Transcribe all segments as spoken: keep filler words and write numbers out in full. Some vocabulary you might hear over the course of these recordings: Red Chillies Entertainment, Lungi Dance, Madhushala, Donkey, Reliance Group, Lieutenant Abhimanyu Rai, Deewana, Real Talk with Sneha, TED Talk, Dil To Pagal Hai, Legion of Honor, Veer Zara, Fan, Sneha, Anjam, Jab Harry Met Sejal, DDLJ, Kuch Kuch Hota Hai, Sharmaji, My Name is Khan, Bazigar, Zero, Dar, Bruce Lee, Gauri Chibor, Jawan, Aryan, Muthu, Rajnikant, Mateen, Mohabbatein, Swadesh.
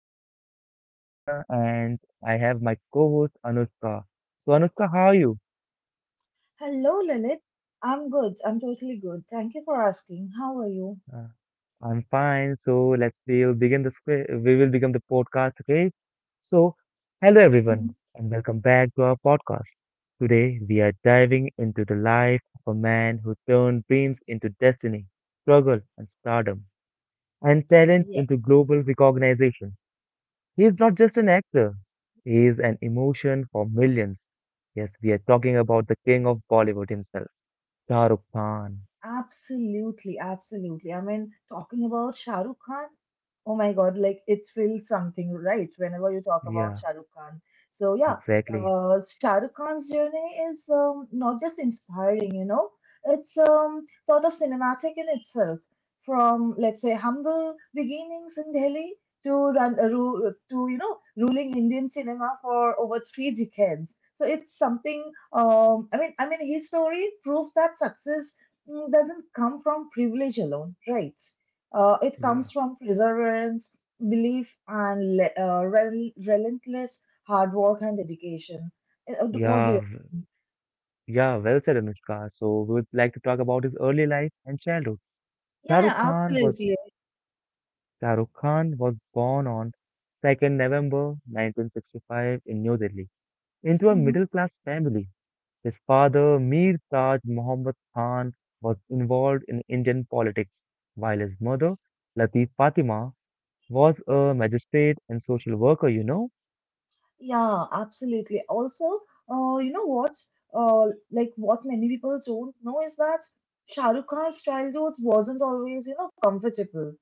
host Lalit Singh Rana, and I have my co host Anushka. So, Anushka, how are you? Hello, Lilith. I'm good. I'm totally good. Thank you for asking. How are you? Uh, I'm fine. So, let's we will begin the script, we will begin the podcast, okay? So, hello Mhm. everyone, and welcome back to our podcast. Today, we are diving into the life of a man who turned dreams into destiny, struggle and stardom, and talent into Yes. global recognition. He is not just an actor, he is an emotion for millions. Yes, we are talking about the king of Bollywood himself, Shah Rukh Khan. Absolutely, absolutely. I mean, talking about Shah Rukh Khan, oh my God, like it feels something, right? Whenever you talk about Yeah, Shah Rukh Khan. So yeah, exactly. uh, Shah Rukh Khan's journey is um, not just inspiring, you know, It's um, sort of cinematic in itself. From let's say humble beginnings in Delhi to run, uh, ru- to you know ruling Indian cinema for over three decades. So it's something. Um, I mean, I mean, his story proves that success mm, doesn't come from privilege alone, right? Uh, it Yeah, comes from perseverance, belief, and le- uh, rel- relentless hard work and dedication. Uh, d- What do yeah, you? w- yeah, well said, Anushka. So, we would like to talk about his early life and childhood. Shah Yeah, Rukh yeah, Khan was absolutely. Shah Rukh Khan was born on second of November nineteen sixty-five in New Delhi into a Mhm. middle class family. His father, Mir Taj Muhammad Khan, was involved in Indian politics, while his mother, Latif Fatima, was a magistrate and social worker, you know? Yeah, absolutely. Also, uh, you know what? Uh, like what many people don't know is that Shah Rukh Khan's childhood wasn't always, you know, comfortable.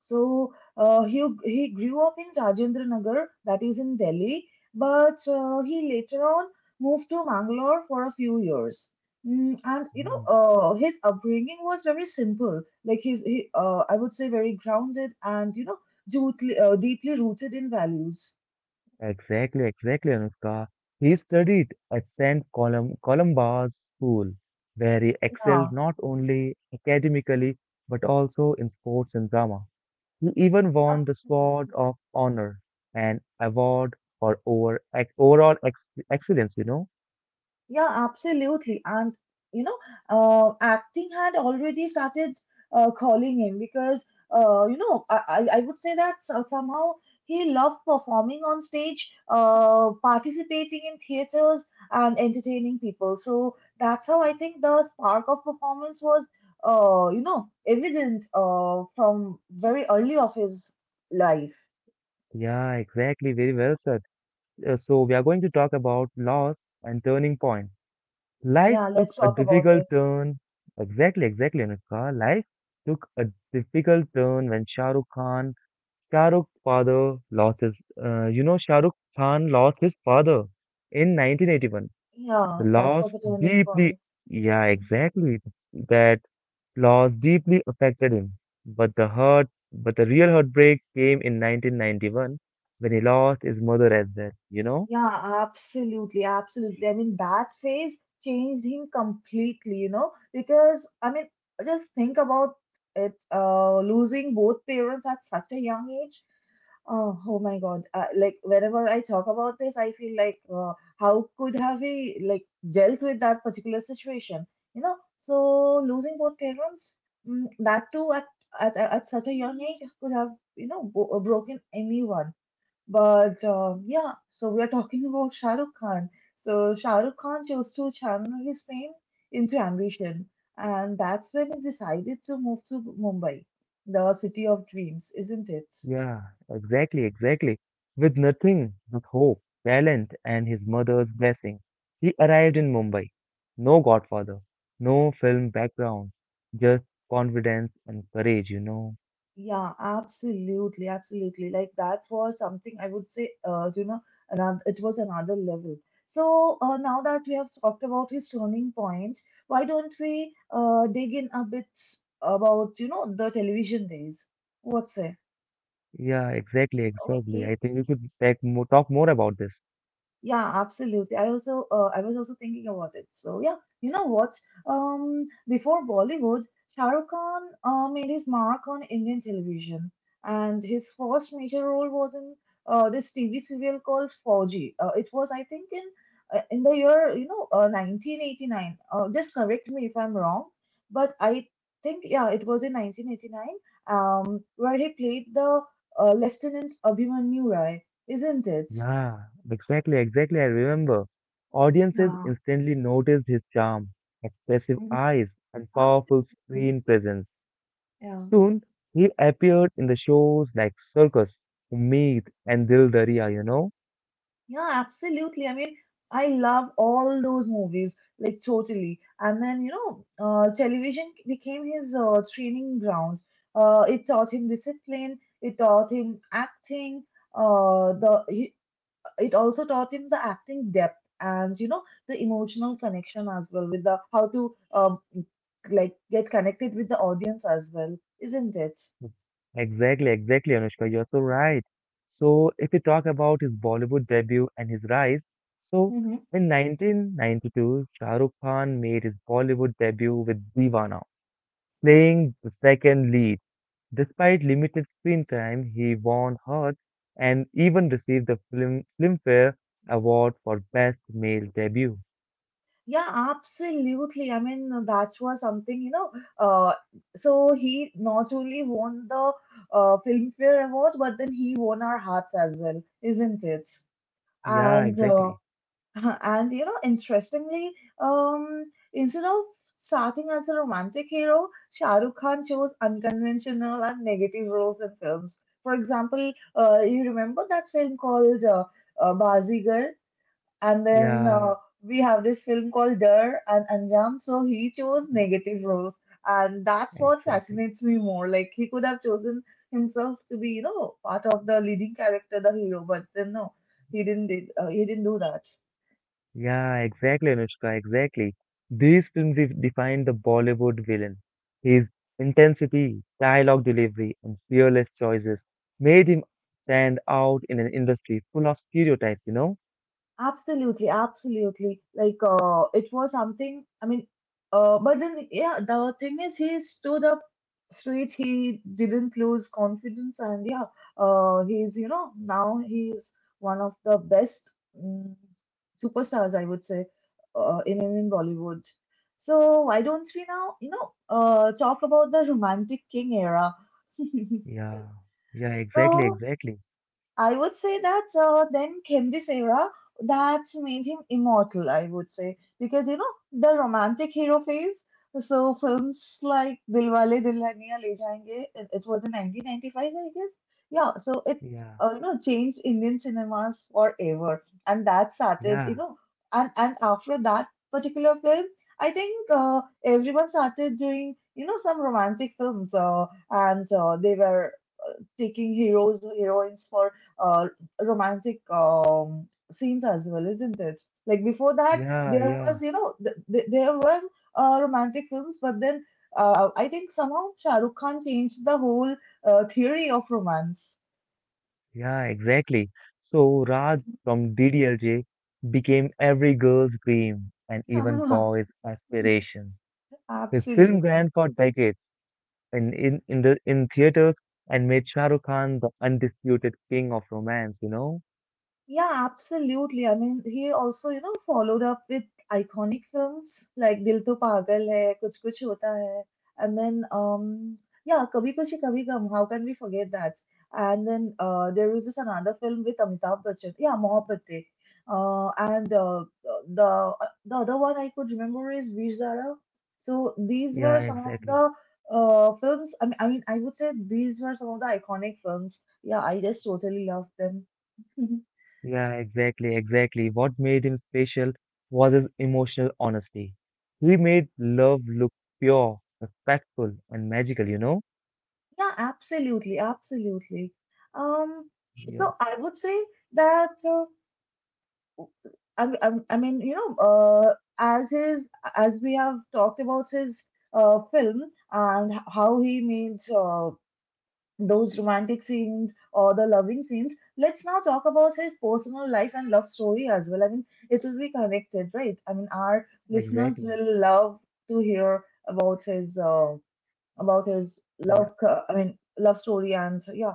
So uh, he he grew up in Rajendra Nagar, that is in Delhi, but uh, he later on moved to Mangalore for a few years. Mm, and you know, Mm. uh, his upbringing was very simple. Like he's, he, uh, I would say, very grounded and you know, deeply, uh, deeply rooted in values. Exactly, exactly, Anushka. He studied at Saint Colum Columba's School, where he Yeah, excelled not only academically but also in sports and drama. He even won the Sword absolutely. of Honor, an award for over, ex overall ex excellence, you know. Yeah, absolutely. And you know, uh, acting had already started uh, calling him because uh, you know I, I I would say that so- somehow he loved performing on stage, uh, participating in theaters and entertaining people. So that's how I think the spark of performance was, uh, you know, evident uh, from very early of his life. Yeah, exactly. Very well said. Uh, so we are going to talk about loss and turning point. Life Yeah, took let's a talk about difficult it. turn. Exactly, exactly, Anushka. Life took a difficult turn when Shah Rukh Khan, Shah Rukh's father lost his, uh, you know, Shah Rukh Khan lost his father in nineteen eighty-one. Yeah, The that loss was a turning deeply, point. yeah, exactly. That Law deeply affected him, but the hurt, but the real heartbreak came in nineteen ninety-one, when he lost his mother as well. You know? Yeah, absolutely, absolutely. I mean, that phase changed him completely, you know, because I mean, just think about it, uh, losing both parents at such a young age. Oh, oh my God. Uh, like, whenever I talk about this, I feel like, uh, how could have he like dealt with that particular situation, you know? So losing both parents, mm, that too at, at at such a young age could have, you know, bo broken anyone but um, yeah, so we are talking about Shah Rukh Khan. So Shah Rukh Khan chose to channel his pain into ambition, and that's when he decided to move to Mumbai, the city of dreams, isn't it? Yeah, exactly, exactly. With nothing but hope, talent, and his mother's blessing, he arrived in Mumbai. No godfather, no film background, just confidence and courage. You know? Yeah, absolutely, absolutely. Like that was something I would say, uh, you know, another, it was another level. So uh, now that we have talked about his turning point, why don't we uh, dig in a bit about, you know, the television days? What's it? Yeah, exactly, exactly. I Okay, think we should talk more, talk more about this. yeah, absolutely. I also uh, I was also thinking about it. So yeah, you know what? Um, before Bollywood, Shah Rukh Khan uh, made his mark on Indian television, and his first major role was in uh, this T V serial called Fauji. Uh, it was, I think, in uh, in the year you know uh, nineteen eighty-nine. Uh, just correct me if I'm wrong, but I think yeah, it was in nineteen eighty-nine. Um, where he played the uh, Lieutenant Abhimanyu Rai, isn't it? Yeah, exactly, exactly. I remember. Audiences Yeah. instantly noticed his charm, expressive eyes, and powerful Absolutely. screen presence. Yeah. Soon, he appeared in the shows like Circus, Ummeed, and Dil Dariya, you know? Yeah, absolutely. I mean, I love all those movies, like totally. And then, you know, uh, television became his uh, training ground. Uh, it taught him discipline, it taught him acting, uh, the he, it also taught him the acting depth and, you know, the emotional connection as well with the how to um, like get connected with the audience as well, isn't it? Exactly, exactly, Anushka, you're so right. So, if we talk about his Bollywood debut and his rise, so Mm-hmm. in nineteen ninety-two, Shah Rukh Khan made his Bollywood debut with Deewana, playing the second lead. Despite limited screen time, he won hearts and even received the film, Filmfare Award for Best Male Debut. Yeah, absolutely. I mean, that was something, you know. Uh, so he not only won the uh, Filmfare Award, but then he won our hearts as well, isn't it? Yeah, And uh, exactly. and you know, interestingly, um, instead of starting as a romantic hero, Shah Rukh Khan chose unconventional and negative roles in films. For example, uh, you remember that film called uh, uh, Bazigar? And then Yeah, uh, we have this film called Dar and Anjam. So he chose e- negative roles. And that's what exactly. fascinates me more. Like he could have chosen himself to be, you know, part of the leading character, the hero, but then no, he didn't did, uh, he didn't do that. Yeah, exactly, Anushka, exactly. These films de- define the Bollywood villain. His intensity, dialogue delivery, and fearless choices made him stand out in an industry full of stereotypes, you know? Absolutely, absolutely. Like, uh, it was something, I mean, uh, but then, yeah, the thing is, he stood up straight. He didn't lose confidence. And yeah, uh, he's, you know, now he's one of the best mm superstars, I would say, uh, in, in Bollywood. So why don't we now, you know, uh, talk about the Romantic King era? Yeah, yeah, exactly, So exactly. I would say that uh, then came this era that made him immortal, I would say. Because, you know, the romantic hero phase. So films like Dilwale Dulhaniya Le Jayenge, it, it was in nineteen ninety-five, I guess. Yeah, so it, Yeah, uh, you know, changed Indian cinemas forever. And that started, you yeah, know, and, and after that particular film, I think uh, everyone started doing, you know, some romantic films. Uh, and uh, they were taking heroes heroines for uh, romantic um, scenes as well, isn't it? Like before that, yeah, there yeah. was you know th- th- there was uh, romantic films, but then uh, I think somehow Shah Rukh Khan changed the whole uh, theory of romance. Yeah, exactly. So Raj from D D L J became every girl's dream and even boy's aspiration. His film Absolutely. ran for decades in in in the in theaters and made Shah Rukh Khan the undisputed king of romance, you know? Yeah, absolutely. I mean, he also, you know, followed up with iconic films like Dil To Pagal Hai, Kuch Kuch Hota Hai, and then, um, yeah, Kabhi Kushi Kabhi Gum. How can we forget that? And then uh, there was this another film with Amitabh Bachchan. Yeah, Mohabbatein. Uh, and uh, the the other one I could remember is Veer Zara. So these were Yeah, some of exactly. the uh, films. I mean, I mean, I would say these were some of the iconic films. Yeah, I just totally loved them. Yeah, exactly, exactly. What made him special was his emotional honesty. He made love look pure, respectful, and magical, you know? Yeah, absolutely, absolutely. Um, Yeah, so I would say that uh, I, I, I mean, you know, uh, as his as we have talked about his uh, film and h- how he means uh, those romantic scenes or the loving scenes, let's now talk about his personal life and love story as well. I mean, it will be connected, right? I mean, our listeners exactly. will love to hear about his uh, about his Yeah. love. co- I mean, love story and yeah.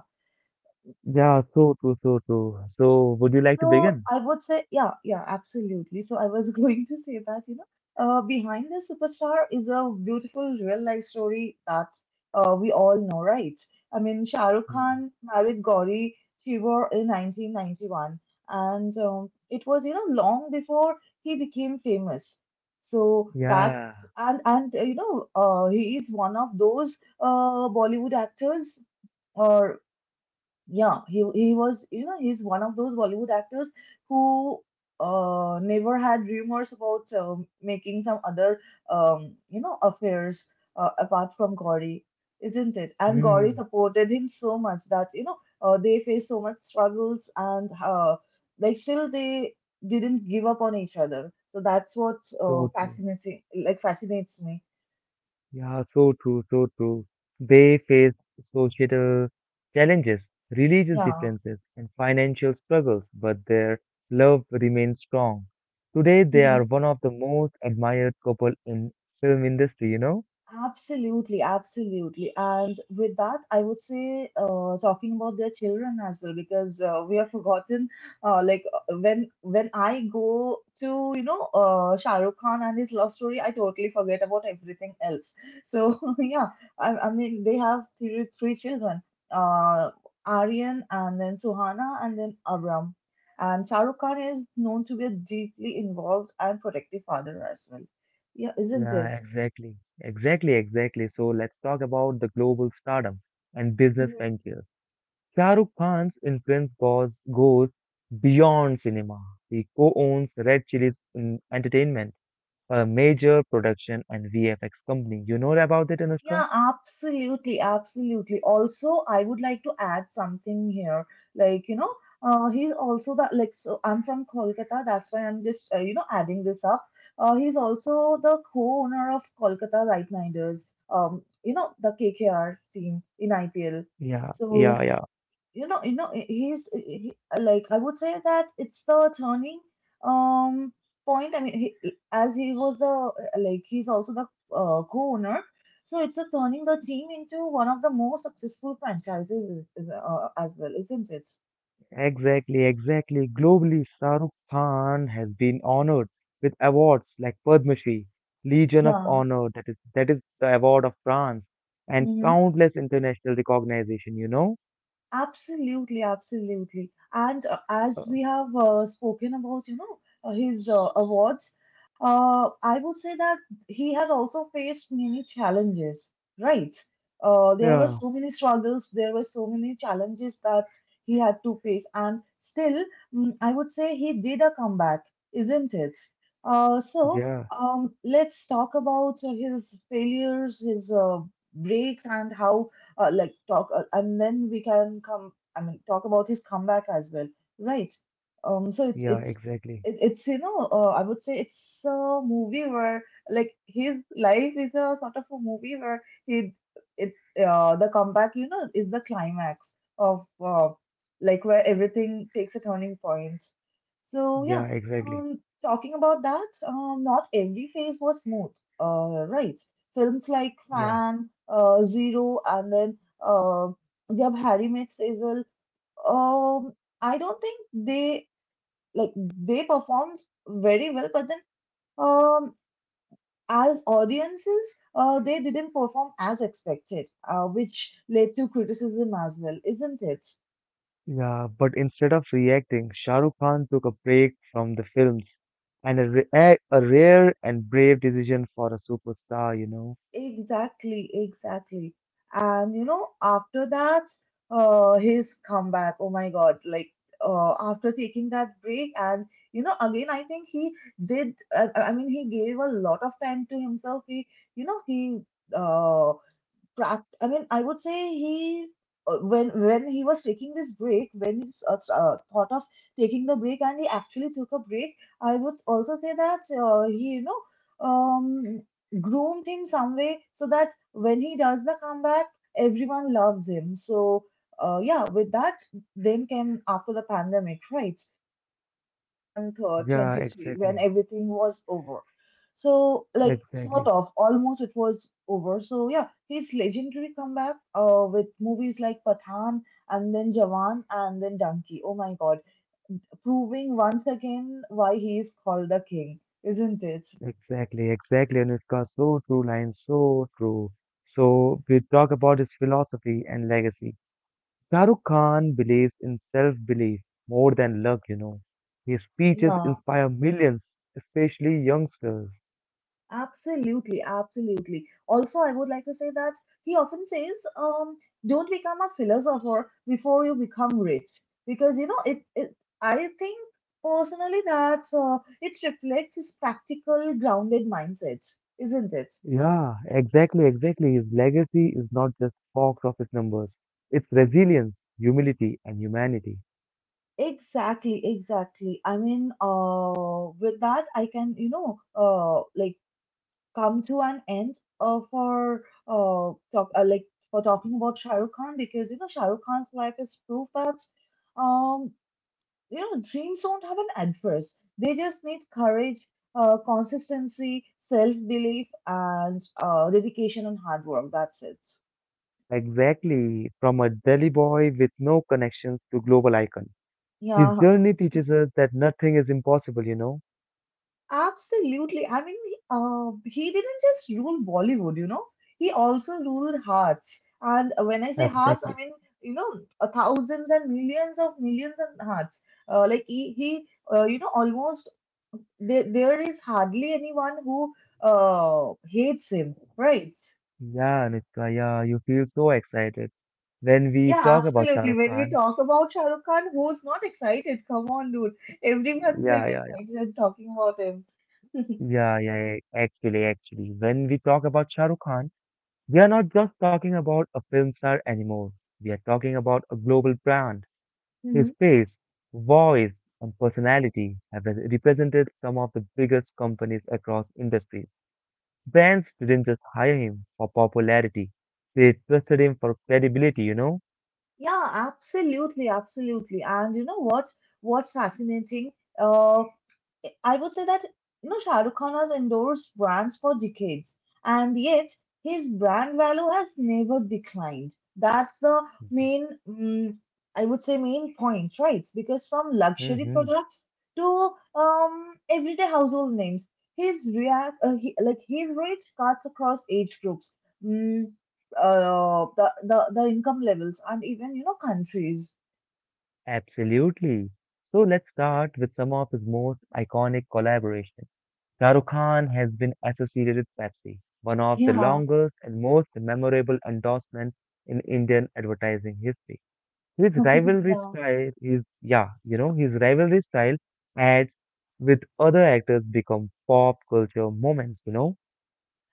Yeah, so true, so true. So, would you like to So begin? I would say, yeah, yeah, absolutely. So I was going to say that, you know, uh, behind the superstar is a beautiful real life story that uh, we all know, right? I mean, Shah Rukh Hmm. Khan married Gauri Chibor in nineteen ninety-one, and um, it was, you know, long before he became famous. So that Yeah, and and uh, you know, uh, he is one of those uh, Bollywood actors or yeah, he he was, you know, he's one of those Bollywood actors who uh never had rumors about um making some other um you know affairs uh, apart from Gauri, isn't it? And Gauri mm, supported him so much that you know uh, they faced so much struggles and uh, like still they didn't give up on each other. So that's what's uh, so true. fascinating like fascinates me. Yeah, so true, so true. They face societal challenges, religious Yeah. differences, and financial struggles, but their love remains strong. Today, they are Mm-hmm. one of the most admired couple in film industry, you know? Absolutely, absolutely. And with that, I would say uh, talking about their children as well, because uh, we have forgotten, uh, like uh, when when I go to you know uh, Shah Rukh Khan and his love story, I totally forget about everything else. So yeah, I, I mean they have three, three children, uh, Aryan and then Suhana and then Abram. And Shah Rukh Khan is known to be a deeply involved and protective father as well. Yeah, isn't Yeah, it? exactly. Exactly, exactly. So let's talk about the global stardom and business ventures. Shah Rukh Khan's influence goes, goes beyond cinema. He co-owns Red Chillies mm, Entertainment, a major production and V F X company. You know about it, Anushka? Yeah, absolutely, absolutely. Also, I would like to add something here. Like, you know, uh, he's also the like. So I'm from Kolkata. That's why I'm just uh, you know adding this up. Uh, he's also the co-owner of Kolkata Right Niders. Um, you know the K K R team in I P L. Yeah, yeah, So yeah. you know you know he's he, like I would say that it's the turning um point I mean he, as he was the like he's also the uh, co-owner so it's a turning the team into one of the most successful franchises uh, as well isn't it. Exactly, exactly. Globally, Shah Rukh Khan has been honored with awards like Padma Shri, Legion of Yeah. Honor, that is that is the award of France, and Mhm. countless international recognition, you know? Absolutely, absolutely. And uh, Uh, as we have uh, spoken about, you know, uh, his uh, awards, uh, I would say that he has also faced many challenges, right? Uh, there were yeah, so many struggles, there were so many challenges that he had to face, and still, mm, I would say he did a comeback, isn't it? Uh, so, yeah, um, let's talk about uh, his failures, his uh, breaks, and how uh, like talk, uh, and then we can come. I mean, talk about his comeback as well, right? Um, so it's yeah, it's exactly. it, it's you know, uh, I would say it's a movie where like his life is a sort of a movie where he it's uh, the comeback, you know, is the climax of uh, like where everything takes a turning point. So yeah, Yeah, exactly. Um, talking about that, um, not every phase was smooth. Uh, right, films like Yeah. Fan, uh, Zero, and then uh, Jab Harry Met Sejal. um, I don't think they like they performed very well, but then, um, as audiences, uh, they didn't perform as expected, uh, which led to criticism as well, isn't it? Yeah, but instead of reacting, Shah Rukh Khan took a break from the films, and a, ra- eh, a rare and brave decision for a superstar, you know. Exactly, exactly. And you know, after that, uh, his comeback. Oh my God! Like, uh, after taking that break, and you know, again, I think he did. Uh, I mean, he gave a lot of time to himself. He, you know, he uh prac- I mean, I would say he uh, when when he was taking this break, when he uh, uh, thought of taking the break, and he actually took a break, I would also say that uh, he you know, um, groomed him some way so that when he does the comeback, everyone loves him. So, uh, yeah, with that, then came after the pandemic, right? Uh, Yeah, twenty twenty-three, exactly. when everything was over. So like, Exactly. sort of, almost it was over. So yeah, his legendary comeback uh, with movies like Pathan and then Jawan and then Donkey. Oh my God, proving once again why he is called the king, isn't it? Exactly. Exactly. Anushka, so true line, so true. So we talk about his philosophy and legacy. Shah Rukh Khan believes in self-belief more than luck, you know. His speeches Yeah, inspire millions, especially youngsters. absolutely, absolutely. Also, I would like to say that he often says, um, "Don't become a philosopher before you become rich," because you know it. It I think personally that uh, it reflects his practical, grounded mindset, isn't it? Yeah, exactly, exactly. His legacy is not just box office numbers. It's resilience, humility, and humanity. Exactly, exactly. I mean, uh, with that, I can, you know, uh, like come to an end uh, for uh, talk, uh, like for talking about Shah Rukh Khan, because you know Shah Rukh Khan's life is proof that, um, you know, dreams don't have an address. They just need courage, uh, consistency, self-belief, and uh, dedication and hard work. That's it. Exactly. From a Delhi boy with no connections to global icon. His Yeah. journey teaches us that nothing is impossible, you know? Absolutely. I mean, uh, he didn't just rule Bollywood, you know, he also ruled hearts. And when I say hearts, I Exactly. mean, you know, uh, thousands and millions of millions of hearts. Uh, like he, he uh, you know, almost there, there is hardly anyone who uh, hates him, right? Yeah, Nitka, yeah, you feel so excited when we Yeah, talk about Shah absolutely. Rukh When we Khan. talk about Shah Rukh Khan, who's not excited? Come on, dude. Everyone will Yeah, be yeah, yeah. excited and talking about him. Yeah, yeah, yeah, actually, actually. When we talk about Shah Rukh Khan, we are not just talking about a film star anymore. We are talking about a global brand. His face, voice, and personality have represented some of the biggest companies across industries. Brands didn't just hire him for popularity, they trusted him for credibility, you know? Yeah, absolutely, absolutely. And you know what? What's fascinating, uh, I would say that you know Shah Rukh Khan has endorsed brands for decades, and yet his brand value has never declined. That's the main, mm I would say, main point, right? Because from luxury Hmm. products to, um, everyday household names, his react uh, he, like his reach cuts across age groups, mm, uh, the, the the income levels, and even you know countries. Absolutely. So let's start with some of his most iconic collaborations. Shah Rukh Khan has been associated with Pepsi, one of the Yeah. longest and most memorable endorsements in Indian advertising history. His rivalry Yeah. style is, yeah, you know, his rivalry style adds with other actors become pop culture moments, you know?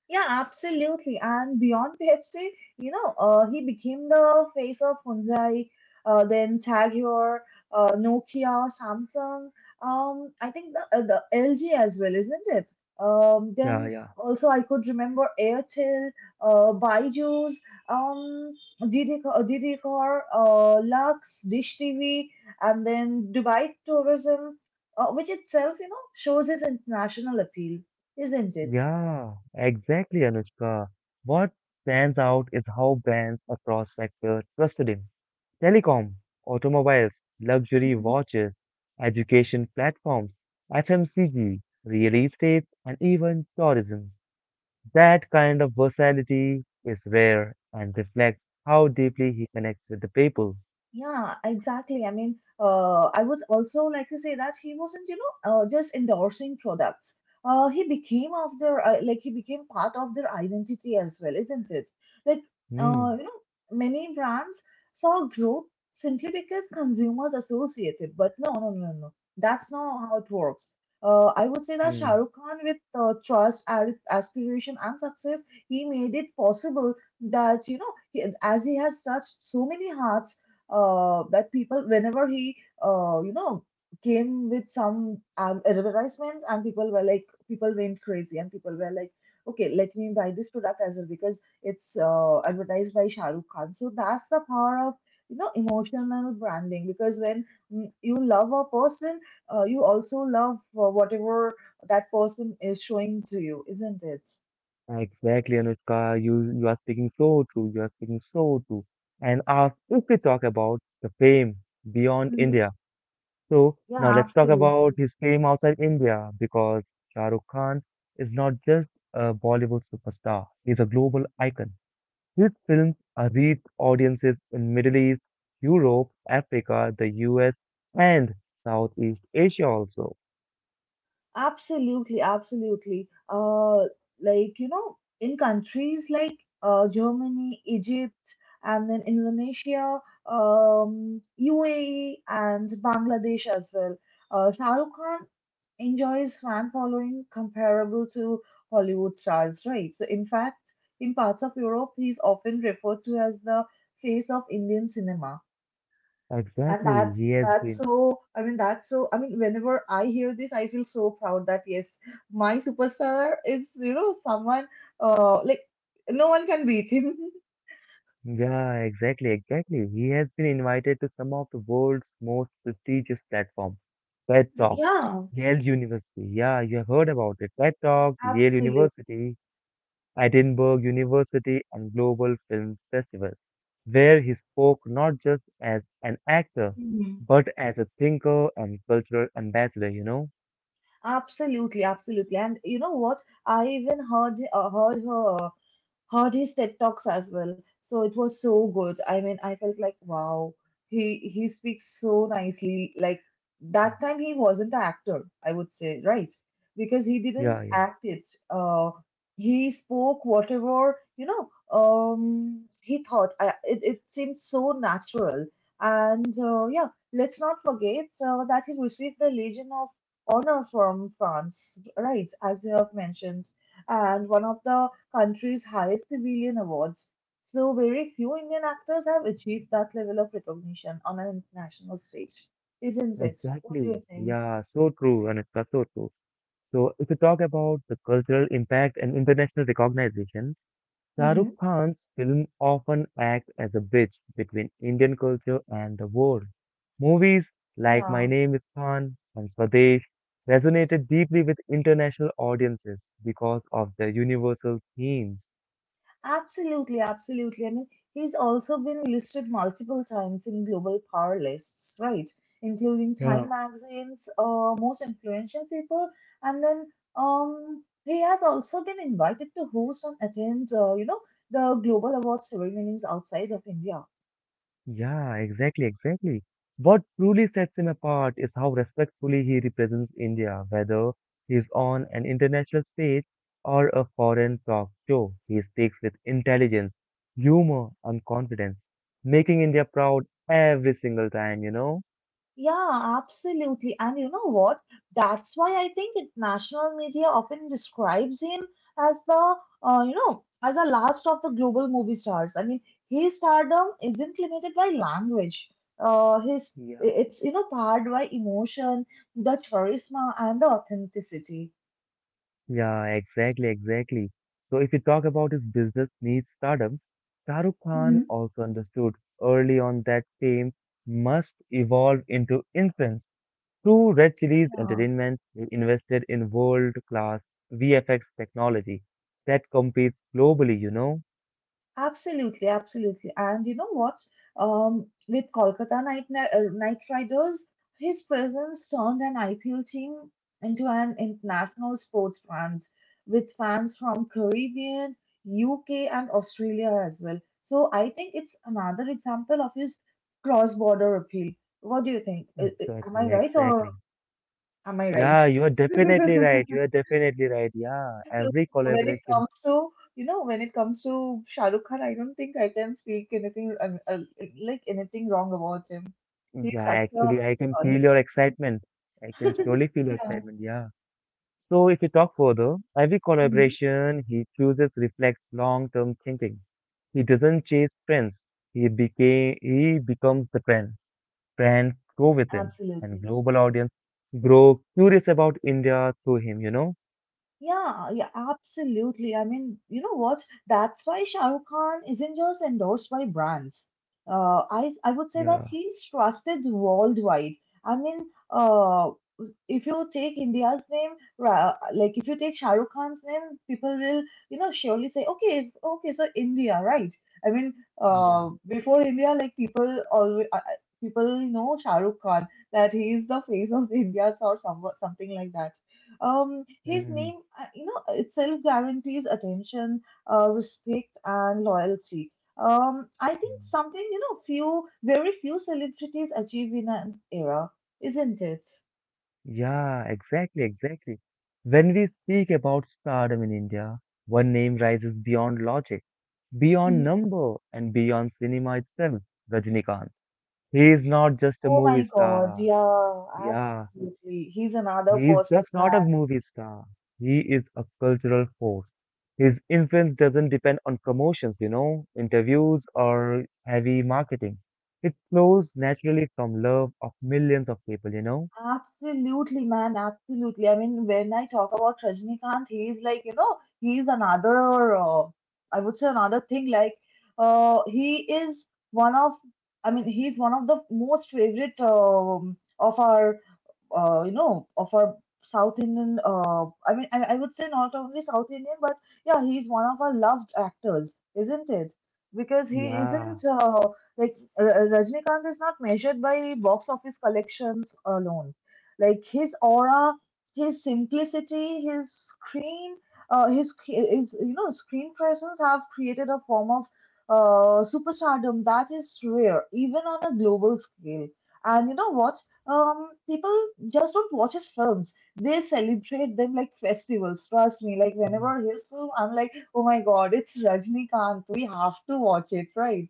Yeah, absolutely. And beyond Pepsi, you know, uh, he became the face of Hyundai, uh, then Tag Heuer, uh, Nokia, Samsung. Um, I think the, uh, the L G as well, isn't it? Um, Yeah, Then yeah. also I could remember Airtel, uh, Byju's, um, Didcor, uh, Lux, Dish T V, and then Dubai Tourism, uh, which itself, you know, shows his international appeal, isn't it? Yeah, exactly, Anushka. What stands out is how brands across sectors trusted him. Telecom, automobiles, Absolutely. luxury Mhm. watches, education platforms, F M C G, real estate, and even tourism. That kind of versatility is rare and reflects how deeply he connects with the people. Yeah, exactly. I mean, uh, I would also like to say that he wasn't, you know, uh, just endorsing products. Uh, he became of their, uh, like he became part of their identity as well, isn't it? Like, Hmm. uh, you know, many brands saw growth simply because consumers associated, but no, no, no, no, no. That's not how it works. Uh, I would say that Shah Hmm. Rukh Khan, with uh, trust, ar- aspiration, and success, he made it possible that, you know, he, as he has touched so many hearts, uh, that people, whenever he uh, you know came with some, um, advertisements, and people were like, people went crazy, and people were like, okay, let me buy this product as well, because it's uh, advertised by Shah Rukh Khan. So that's the power of you know emotional branding, because when, mm, you love a person, uh, you also love uh, whatever that person is showing to you, isn't it? Exactly, Anushka. You you are speaking so true. You are speaking so true. And ask if we talk about the fame beyond Mhm. India. So now Yeah, let's talk about absolutely. his fame outside India, because Shah Rukh Khan is not just a Bollywood superstar. He's a global icon. His films are reached audiences in Middle East, Europe, Africa, the U S, and Southeast Asia also. Absolutely, absolutely. Uh, like, you know, in countries like uh, Germany, Egypt, and then Indonesia, um, U A E, and Bangladesh as well, uh, Shah Rukh Khan enjoys fan following comparable to Hollywood stars, right? So, in fact, in parts of Europe, he's often referred to as the face of Indian cinema, and Exactly, he that's has that's been. so i mean that's, so I mean, whenever I hear this, I feel so proud that yes, my superstar is, you know, someone uh like no one can beat him. Yeah, exactly, exactly. He has been invited to some of the world's most prestigious platforms. TED Talk, Yeah, Yale University. Yeah, you have heard about it. TED Talk, Yale absolutely. University, Edinburgh University, and Global Film Festival, where he spoke not just as an actor, Mhm. but as a thinker and cultural ambassador, you know? Absolutely, absolutely. And you know what? I even heard uh, heard her heard his TED Talks as well. So it was so good. I mean, I felt like, wow, he he speaks so nicely. Like, that time he wasn't an actor, I would say, right? Because he didn't Yeah, yeah, act it. Uh, he spoke whatever, you know, um, he thought. I, it, it seemed so natural. And uh, yeah, let's not forget uh, that he received the Legion of Honor from France, right? As you have mentioned, and one of the country's highest civilian awards, so very few Indian actors have achieved that level of recognition on an international stage, isn't it? What do exactly. you think? Yeah, so true, Anushka, so true. So, if you talk about the cultural impact and international recognition, Mm-hmm. Shahrukh Khan's films often act as a bridge between Indian culture and the world. Movies like My Yeah, Name is Khan and Swadesh resonated deeply with international audiences because of their universal themes. absolutely, absolutely. I mean, he's also been listed multiple times in global power lists, right? Including Time Magazine's uh, most influential people, and then, um, he has also been invited to host and attend, uh, you know, the global award ceremonies outside of India. Yeah, exactly, exactly. What truly sets him apart is how respectfully he represents India, whether he's on an international stage or a foreign talk show. He speaks with intelligence, humor, and confidence, making India proud every single time, you know? Yeah, absolutely. And you know what? That's why I think it, national media often describes him as the, uh, you know, as the last of the global movie stars. I mean, his stardom isn't limited by language. Uh, his Yeah. It's, you know, powered by emotion, the charisma, and the authenticity. Yeah, exactly, exactly. So if you talk about his business needs stardom, Shah Rukh Khan Hmm. also understood early on that fame must evolve into influence. Through Red Chillies Yeah. Entertainment, we invested in world-class V F X technology that competes globally, you know? Absolutely, absolutely. And you know what? Um, with Kolkata Knight Ni- uh, Knight Riders, his presence turned an I P L team into an international sports brand with fans from Caribbean, U K, and Australia as well. So I think it's another example of his cross-border appeal. What do you think? Uh, uh, Am I Exactly, right or exactly. am I Yeah, right? you are definitely right. You are definitely right. Yeah, So every when it collaboration. comes to, you know, when it comes to Shah Rukh Khan, I don't think I can speak anything um, uh, like anything wrong about him. He's Yeah, such a actually, I can uh, feel he- your excitement. I can surely feel your yeah, excitement. Yeah. So, if you talk further, every mhm, collaboration he chooses reflects long-term thinking. He doesn't chase trends. He became he becomes the trend. Friends grow with him, and absolutely. global audience grow curious about India through him, you know? Yeah, yeah, absolutely. I mean, you know what? That's why Shah Rukh Khan isn't just endorsed by brands. Uh, I I would say Yeah, that he's trusted worldwide. I mean, uh, if you take India's name, ra- like if you take Shah Rukh Khan's name, people will, you know, surely say, okay, okay, so India, right? I mean, yeah. uh, before India, like people always people know Shah Rukh Khan, that he is the face of India or some something like that. Um, his Hmm. name, uh, you know, itself guarantees attention, uh, respect, and loyalty. Um, I think something, you know, few, very few celebrities achieve in an era, isn't it? Yeah, exactly, exactly. When we speak about stardom in India, one name rises beyond logic, beyond Mhm. number, and beyond cinema itself: Rajinikanth. He is not just a Oh my movie God, star. yeah, Yeah, absolutely. He's another he is person. just not a movie star. He is a cultural force. His influence doesn't depend on promotions, you know, interviews or heavy marketing. It flows naturally from love of millions of people, you know? Absolutely, man. Absolutely. I mean, when I talk about Rajnikant, he's like, you know, he's another, uh, I would say another thing. Like, uh, he is one of, I mean, he's one of the most favorite, um, of our uh, you know, of our South Indian. Uh, I mean, I, I would say not only South Indian, but yeah, he's one of our loved actors, isn't it? Because he Yeah. isn't uh, like uh, Rajnikant is not measured by box office collections alone. Like his aura, his simplicity, his screen, uh, his his you know screen presence have created a form of uh, superstardom that is rare even on a global scale. And you know what? Um, people just don't watch his films. They celebrate them like festivals. Trust me. Like whenever his film, I'm like, oh my God, it's Rajnikant. We have to watch it, right?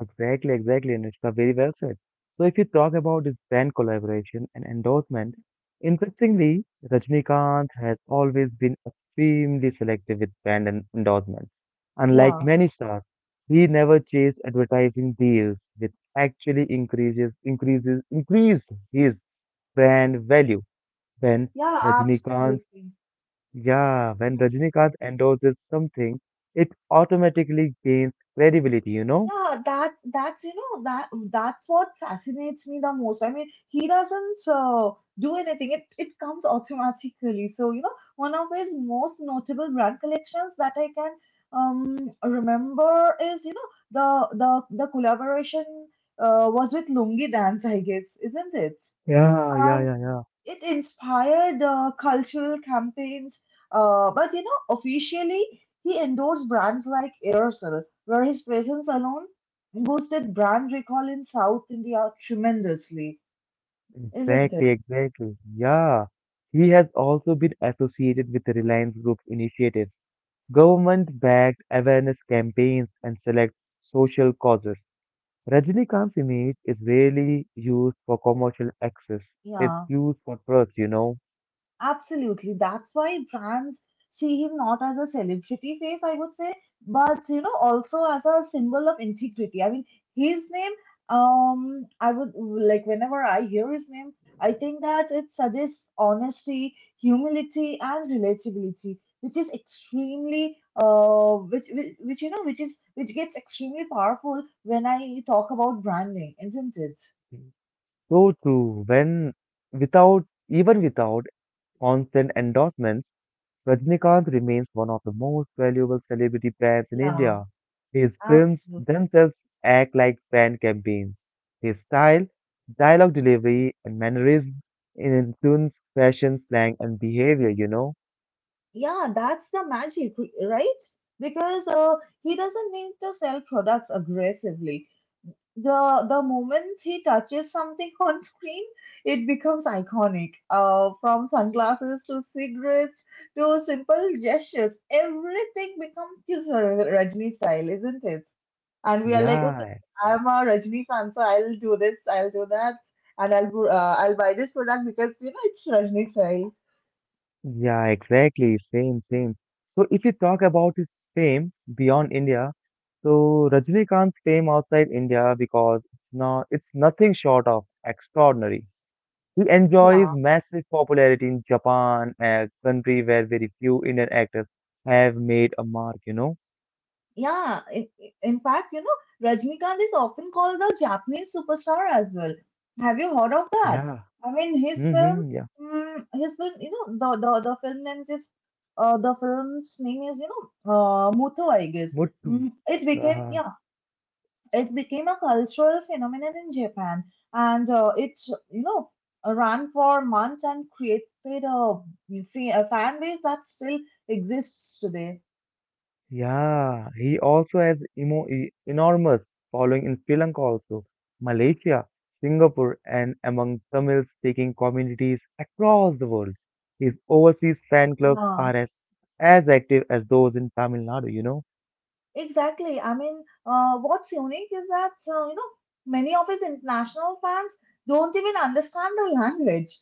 Exactly, exactly, Anushka. Very well said. So if you talk about this brand collaboration and endorsement, interestingly, Rajnikant has always been extremely selective with brand and endorsement. Unlike Yeah. many stars, he never chased advertising deals, which actually increases increases increase his brand value. When Yeah, Rajnikant, absolutely. yeah, when Rajnikant endorses something, it automatically gains credibility, you know? Yeah, that that's you know that that's what fascinates me the most. I mean, he doesn't uh, do anything; it it comes automatically. So you know, one of his most notable brand collections that I can, um remember is, you know, the the the collaboration uh, was with Lungi Dance, I guess, isn't it? Yeah, yeah, yeah, yeah. It inspired uh, cultural campaigns. Uh, but you know, officially, he endorsed brands like Aerosol, where his presence alone boosted brand recall in South India tremendously, isn't it? Exactly, exactly. Yeah. He has also been associated with the Reliance Group initiatives, government-backed awareness campaigns, and select social causes. Rajinikanth's image is rarely used for commercial access. Yeah. It's used for trust, you know. Absolutely. That's why brands see him not as a celebrity face, I would say, but you know, also as a symbol of integrity. I mean, his name, um, I would like whenever I hear his name, I think that it suggests honesty, humility, and relatability, which is extremely, uh, which, which, which you know, which is which gets extremely powerful when I talk about branding, isn't it? So true. When Without even without constant endorsements, Rajnikant remains one of the most valuable celebrity brands in Yeah, India. His films absolutely. themselves act like brand campaigns. His style, dialogue delivery, and mannerism influence fashion, slang, and behavior, you know? Yeah, that's the magic, right? Because uh, he doesn't need to sell products aggressively. The the moment he touches something on screen, it becomes iconic. Uh, from sunglasses to cigarettes to simple gestures, everything becomes his Rajni style, isn't it? And we are like, okay, Yeah, I'm a Rajni fan, so I'll do this, I'll do that, and I'll uh, I'll buy this product because you know it's Rajni style. yeah, exactly. Same, same. So if you talk about his fame beyond India, so Rajnikant's fame outside India, because it's not it's nothing short of extraordinary. He enjoys Yeah. massive popularity in Japan, a country where very few Indian actors have made a mark, you know? Yeah, in, in fact, you know, Rajnikant is often called the Japanese superstar as well. Have you heard of that? Yeah. I mean, his film, Mm-hmm, yeah. mm, his film, you know, the the, the film name is, uh, the film's name is, you know, uh, Muthu, I guess. Muttu. Mm, it became, Uh, yeah, it became a cultural phenomenon in Japan, and uh, it, you know, ran for months and created a, fa- a fan base that still exists today. yeah. He also has emo e- enormous following in Sri Lanka also, Malaysia, Singapore, and among Tamil-speaking communities across the world. His overseas fan clubs Yeah. are as, as active as those in Tamil Nadu, you know? Exactly. I mean, uh, what's unique is that, uh, you know, many of its international fans don't even understand the language.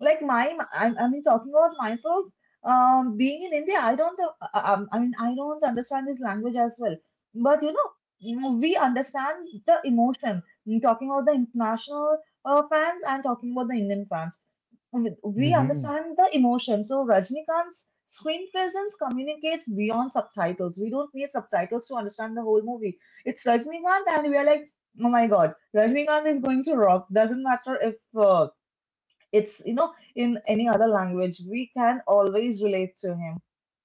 Like my, I, I mean, talking about myself, um, being in India, I don't, uh, uh, um, I mean, I don't understand this language as well. But you know, you know, we understand the emotion. Mm, talking about the international uh, fans and talking about the Indian fans, with- we Mhm. understand the emotion. So Rajnikant's screen presence communicates beyond subtitles. We don't need subtitles to understand the whole movie. It's Rajnikant, and we are like, oh my god, Rajnikant is going to rock. Doesn't matter if uh, it's you know in any other language, we can always relate to him,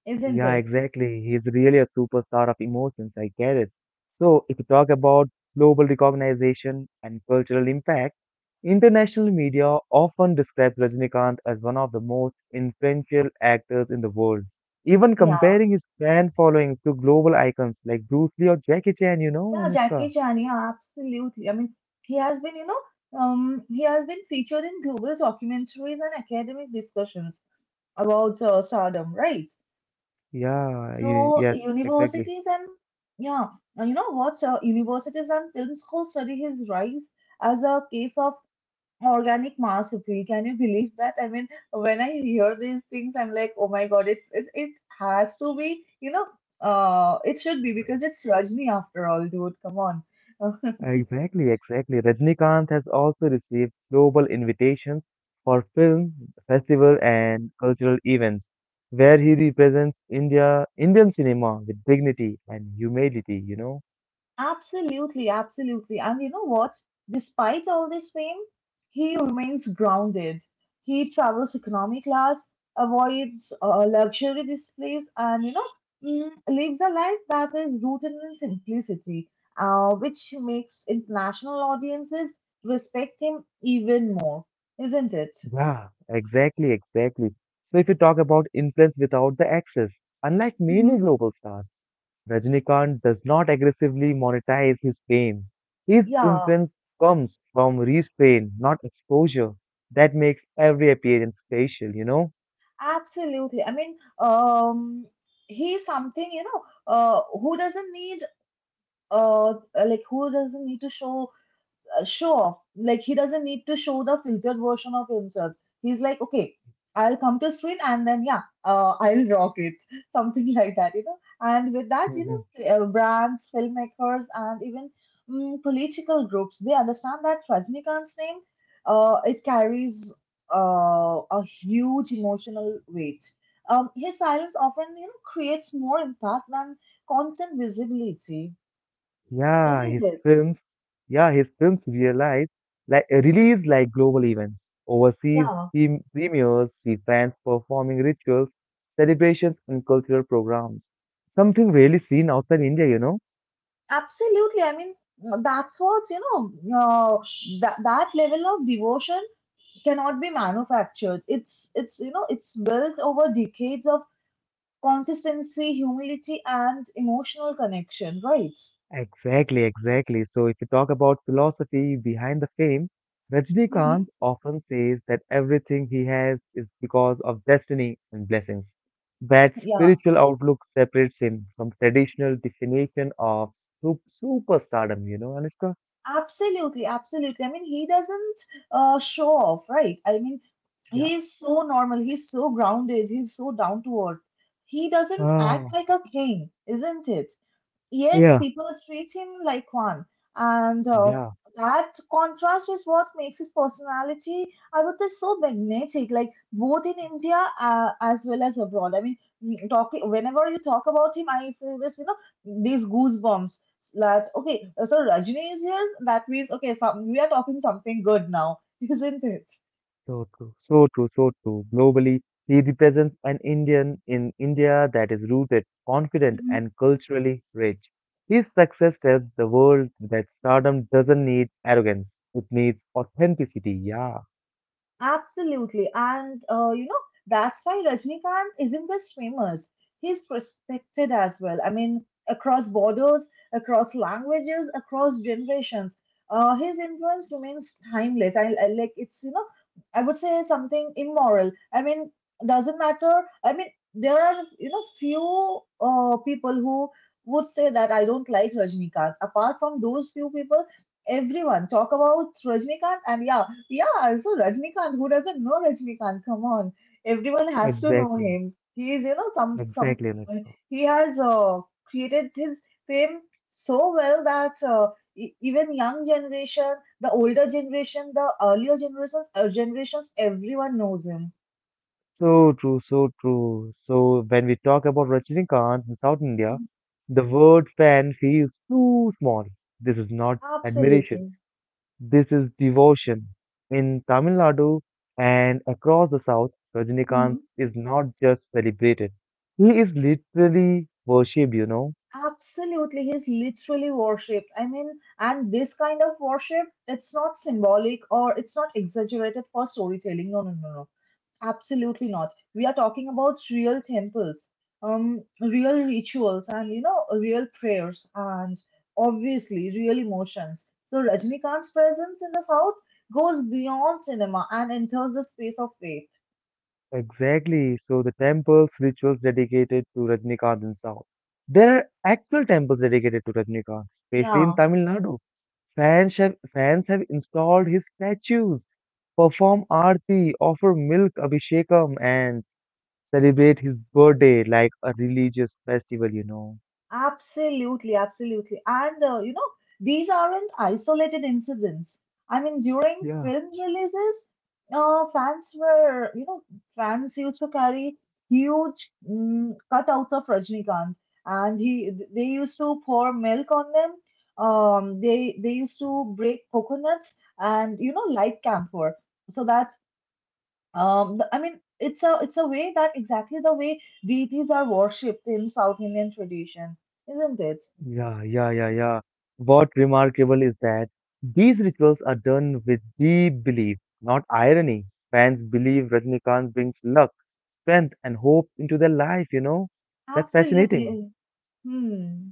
isn't Yeah, it? exactly. He's really a superstar of emotions. I get it. So, if you talk about global recognition and cultural impact, international media often describes Rajinikanth as one of the most influential actors in the world, even Yeah, comparing his fan following to global icons like Bruce Lee or Jackie Chan, you know, yeah, Jackie Anushka? Chan, yeah, absolutely. I mean, he has been, you know, um, he has been featured in global documentaries and academic discussions about uh, stardom, right? Yeah, you, So yes, exactly. universities and yeah, and you know what? Uh, universities and film schools study his rise as a case of organic mastery. Can you believe that? I mean, when I hear these things, I'm like, oh my god, it's, it's it has to be, you know, uh, it should be because it's Rajni after all, dude. Come on. Exactly, exactly. Rajnikant has also received global invitations for film, festival, and cultural events, where he represents India, Indian cinema with dignity and humility, you know? Absolutely, absolutely. And you know what? Despite all this fame, he remains grounded. He travels economy class, avoids uh, luxury displays, and you know, mm, lives a life that is rooted in simplicity, uh, which makes international audiences respect him even more, isn't it? Yeah, exactly, exactly. So if you talk about influence without the access, unlike Hmm. many global stars, Rajnikant does not aggressively monetize his fame. His Yeah, influence comes from restraint, not exposure. That makes every appearance special, you know? absolutely. I mean, um, he's something, you know, uh, who doesn't need uh like who doesn't need to show uh, show off, like he doesn't need to show the filtered version of himself. He's like, okay, I'll come to screen and then yeah, uh, I'll rock it, something like that, you know. And with that you Mhm. know uh, brands, filmmakers, and even mm, political groups, they understand that Rajnikant's name uh it carries uh, a huge emotional weight. Um, his silence often you know creates more impact than constant visibility, Yeah, isn't his it? films, yeah, his films realize like release like global events, overseas Yeah, prem- premieres, see fans performing rituals, celebrations, and cultural programs. Something rarely seen outside India, you know. absolutely. I mean, that's what, you know, uh, that that level of devotion cannot be manufactured. It's it's you know, it's built over decades of consistency, humility, and emotional connection, right? Exactly, exactly. So if you talk about philosophy behind the fame, Rajnikant Hmm. often says that everything he has is because of destiny and blessings. That Yeah, spiritual outlook separates him from traditional definition of sup- superstardom, you know, Anushka? absolutely, absolutely. I mean, he doesn't uh, show off, right? I mean, Yeah. he's so normal, he's so grounded, he's so down to earth. He doesn't act Ah, like a king, isn't it? Yet yeah. people treat him like one. And uh, Yeah. that contrast is what makes his personality, I would say, so magnetic, like both in India uh, as well as abroad. I mean, mm, talking whenever you talk about him, I feel this, you know, these goosebumps. That okay, so Rajini is here. That means okay, some, we are talking something good now, isn't it? So true, so true, so true. Globally, he represents an Indian in India that is rooted, confident, and culturally rich. His success tells the world that stardom doesn't need arrogance, it needs authenticity. Yeah, Absolutely. And, uh, you know, that's why Rajnikant isn't just famous. He's respected as well. I mean, across borders, across languages, across generations. Uh, his influence remains timeless. I, I like it's, you know, I would say something immoral. I mean, doesn't matter. I mean, there are, you know, few uh, people who would say that I don't like Rajnikant. Apart from those few people, everyone talk about Rajnikant and yeah, yeah, so Rajnikant, who doesn't know Rajnikant? Come on, everyone has to know exactly, him. He is, you know, some some. exactly. Anushka. He has uh, created his fame so well that uh, e- even young generation, the older generation, the earlier generations, uh, generations, everyone knows him. So true, so true. So when we talk about Rajinikanth in South India, Mhm. the word fan feels too small. This is not admiration. Absolutely. This is devotion. In Tamil Nadu and across the south, Mhm. Rajinikanth is not just celebrated. He is literally worshipped, you know. Absolutely, he's literally worshipped. I mean, and this kind of worship, it's not symbolic or it's not exaggerated for storytelling. No, no, no, no. Absolutely not. We are talking about real temples, um, real rituals, and you know, real prayers, and obviously real emotions. So Rajnikant's presence in the South goes beyond cinema and enters the space of faith. Exactly. So the temples, rituals dedicated to Rajinikanth in south. There are actual temples dedicated to Rajinikanth, especially in Yeah. Tamil Nadu. Fans have, fans have installed his statues, perform aarti, offer milk abhishekam, and celebrate his birthday like a religious festival, you know. Absolutely, absolutely. And uh, you know, these aren't isolated incidents. I mean, during Yeah. film releases, uh, fans were, you know, fans used to carry huge mm, cutouts of Rajnikant, and he they used to pour milk on them. Um, they they used to break coconuts and you know light camphor so that um, the- I mean, it's a it's a way that exactly the way deities are worshipped in South Indian tradition, isn't it? Yeah, yeah, yeah, yeah. What remarkable is that these rituals are done with deep belief, not irony. Fans believe Rajnikant brings luck, strength, and hope into their life, you know? That's fascinating. Absolutely. Hmm.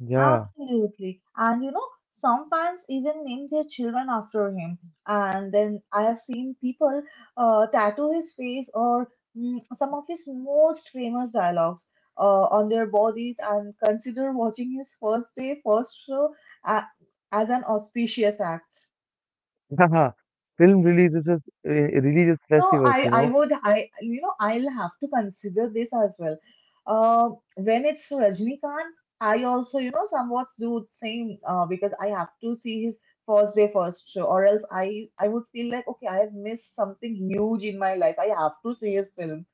Yeah. Absolutely. And you know, some fans even name their children after him. And then I have seen people uh, tattoo his face or mm, some of his most famous dialogues uh, on their bodies and consider watching his first day, first show a as an auspicious act. Haha. Film releases, uh, releases So festivals, I, you I know? would, I, you know, I'll have to consider this as well. Uh, when it's Rajnikant, I also, you know, somewhat do same uh, because I have to see his first day first show, or else I, I would feel like okay, I have missed something huge in my life. I have to see his film.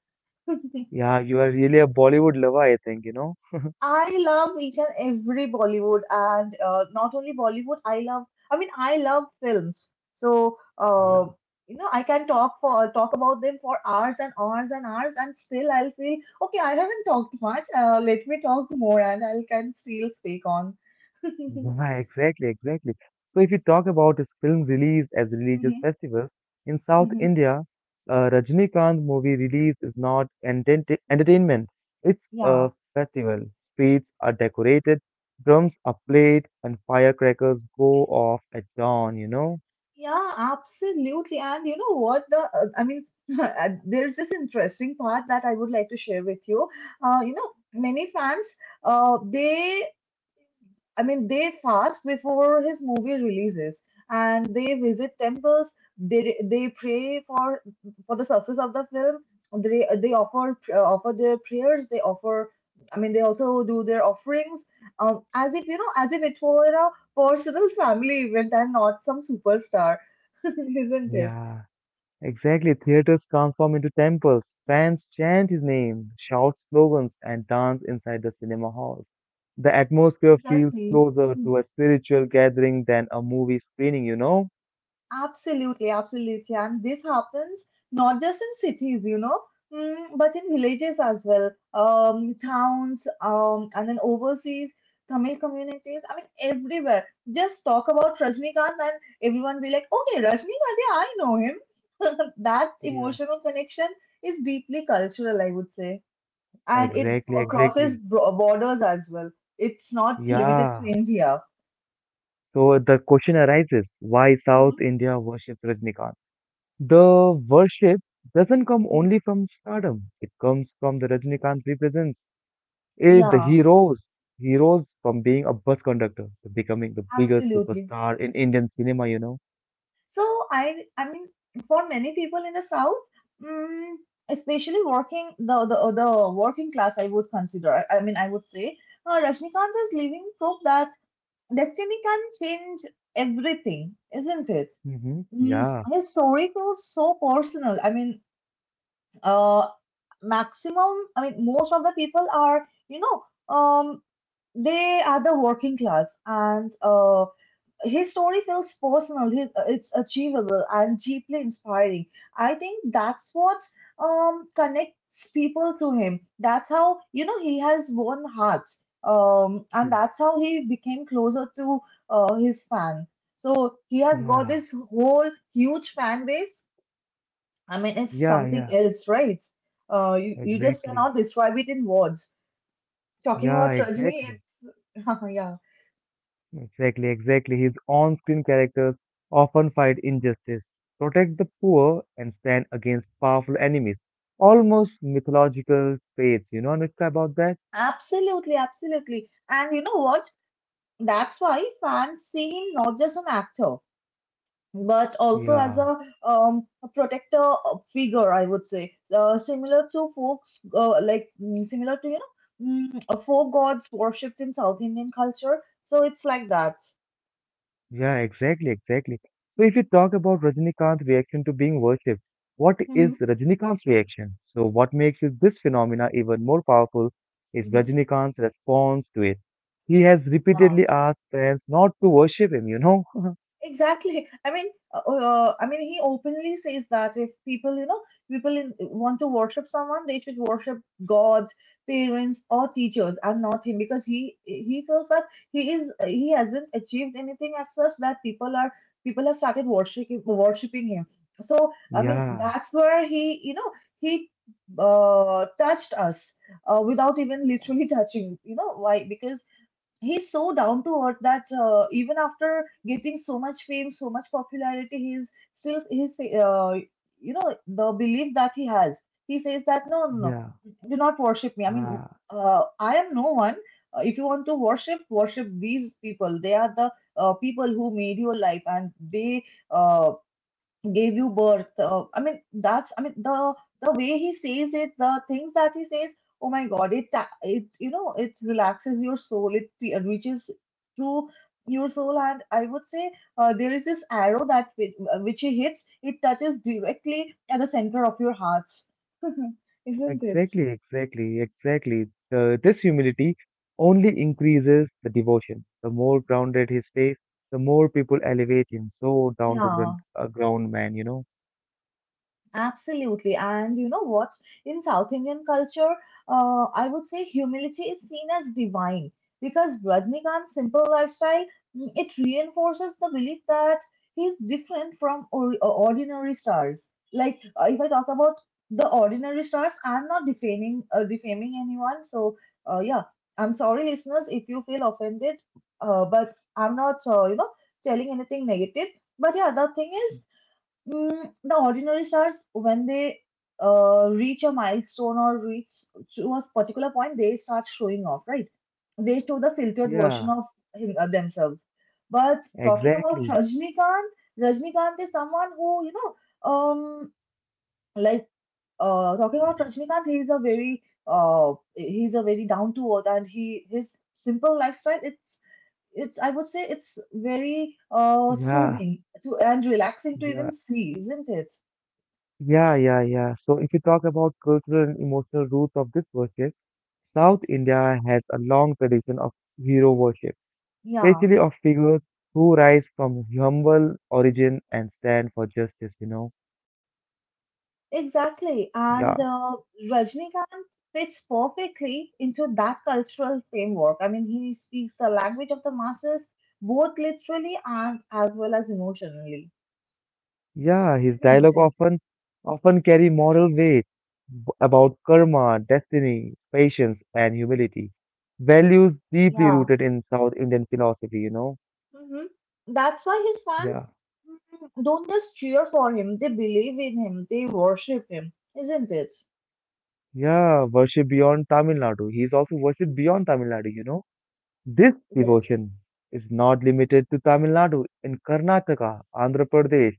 Yeah, you are really a Bollywood lover, I think, you know? I love each and every Bollywood and uh, not only Bollywood, I love, I mean, I love films. So, uh, Yeah. you know, I can talk for talk about them for hours and hours and hours, and still I'll feel, okay, I haven't talked much. Uh, let me talk more and I can still speak on. Hmm. Yeah, exactly, exactly. So if you talk about this film release as religious festivals, in South Hmm. India, uh, Rajinikanth movie release is not entertain entertainment. It's a Yeah, festival. Streets are decorated, drums are played, and firecrackers go off at dawn, you know? yeah, absolutely. And you know what? The uh, I mean, there's this interesting part that I would like to share with you. Uh, you know, many fans, uh, they I mean, they fast before his movie releases, and they visit temples. They they pray for for the success of the film. They they offer uh, offer their prayers. They offer. I mean, they also do their offerings. Um, as if you know, as if it were a personal family event and not some superstar, isn't it? Yeah. Exactly, theaters transform into temples. Fans chant his name, shout slogans, and dance inside the cinema halls. The atmosphere feels Exactly. closer to a spiritual gathering than a movie screening, you know? Absolutely, absolutely. And this happens not just in cities, you know, mm, but in villages as well, um, towns, um, and then overseas, Tamil communities. I mean, everywhere. Just talk about Rajnikant and everyone be like, okay, Rajnikant, yeah, I know him. That Yeah. emotional connection is deeply cultural, I would say. And it Exactly, c- crosses exactly. bro- borders as well. It's not limited to Yeah. India. So the question arises, why Mhm. South India worships Rajnikant? The worship doesn't come only from stardom. It comes from the Rajnikant represents. Eh, the Yeah, heroes, heroes from being a bus conductor to becoming the biggest absolutely. superstar in Indian cinema, you know? So I I mean for many people in the south, mm, especially working the the the working class, I would consider. I, I mean I would say uh, Rajnikant's living proof that destiny can change everything, isn't it? Mm-hmm. Mm, Yeah, his story feels so personal. I mean, uh, maximum. I mean, most of the people are you know um they are the working class and uh his story feels personal, his, it's achievable and deeply inspiring. I think that's what um connects people to him. That's how you know he has won hearts, um, and yeah, that's how he became closer to uh, his fan. So he has got yeah, this whole huge fan base. I mean it's yeah, something yeah, else, right? Uh you, you just exactly, cannot describe it in words. Talking yeah, about Rajni, exactly. it's yeah, Exactly, exactly. His on-screen characters often fight injustice, protect the poor, and stand against powerful enemies. Almost mythological traits, you know, Anushka, about that? absolutely, absolutely. And you know what? That's why fans see him not just an actor, but also as a, Yeah. um, a protector figure, I would say, uh, similar to folks, uh, like mm, similar to you know, mm, uh, folk gods worshipped in South Indian culture. So it's like that. Yeah, exactly, exactly. So if you talk about Rajinikanth's reaction to being worshipped, what is Hmm. Rajinikanth's reaction? So what makes it- this phenomena even more powerful is Hmm. Rajinikanth's response to it. He has Yeah. repeatedly asked fans not to worship him, you know? Exactly. I mean, uh, oh, uh, I mean, he openly says that if people, you know, people in, want to worship someone, they should worship God, parents, or teachers, and not him, because he he feels that he is he hasn't achieved anything as such that people are people have started worshiping worshiping him. So I mean, Yeah, that's where he, you know, he uh, touched us uh, without even literally touching. You know why? Because he's so down to earth that uh, even after getting so much fame, so much popularity, he's still he's uh, you know the belief that he has. He says that no, no, no, yeah, do not worship me. I mean, ah, uh, I am no one. Uh, if you want to worship, worship these people. They are the uh, people who made your life, and they uh, gave you birth uh, i mean that's i mean the the way he says it, the things that he says, oh my god, it uh, it you know it relaxes your soul, it fe- uh, reaches through your soul. And I would say uh, there is this arrow that whi- uh, which he hits, it touches directly at the center of your hearts. Isn't it? exactly, exactly, exactly. The, this humility only increases the devotion. The more grounded he stays, the more people elevate him. So down to Yeah, ground, a ground man, you know. absolutely. And you know what? In South Indian culture, uh, I would say humility is seen as divine because Rajnikant's simple lifestyle, mm, it reinforces the belief that he's different from or- uh, ordinary stars. Like uh, if I talk about the ordinary stars, I'm not defaming uh, defaming anyone. So uh, yeah, I'm sorry, listeners, if you feel offended, uh, but I'm not uh, you know telling anything negative. But yeah, the thing is, Mm, the ordinary stars, when they uh, reach a milestone or reach to a particular point, they start showing off, right? They show the filtered version Yeah. of him, of themselves. But talking about Exactly. Rajnikant, Rajnikant is someone who, you know, um, like uh, talking about Rajnikant, he's a very uh, he's a very down to earth, and he his simple lifestyle, it's it's I would say it's very uh, Yeah, soothing to and relaxing to even yeah, see, isn't it? yeah, yeah, yeah. So if you talk about cultural and emotional roots of this worship, South India has a long tradition of hero worship, Yeah, especially of figures who rise from humble origin and stand for justice, you know. exactly. Yeah, And uh, Rajnikant fits perfectly into that cultural framework. I mean, he speaks the language of the masses, both literally and as well as emotionally, yeah, his isn't dialogue it? often often carry moral weight b- about karma, destiny, patience, and humility, values deeply Yeah. rooted in South Indian philosophy, you know. Hmm. That's why his fans, Yeah. mm, don't just cheer for him, they believe in him, they worship him, isn't it? Yeah, worship beyond Tamil Nadu. He's also worshipped beyond Tamil Nadu, you know. This Yes, devotion is not limited to Tamil Nadu. In Karnataka, Andhra Pradesh,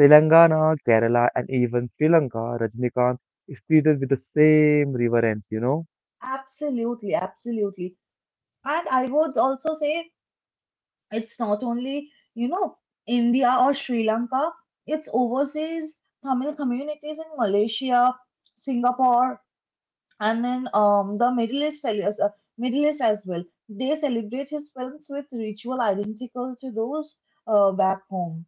Telangana, Kerala, and even Sri Lanka, Rajnikant is treated with the same reverence, you know. absolutely, absolutely. And I would also say, it's not only, you know, India or Sri Lanka, it's overseas Tamil communities in Malaysia, Singapore, and then um, the Middle East, cel- uh, Middle East as well. They celebrate his films with ritual identical to those uh, back home,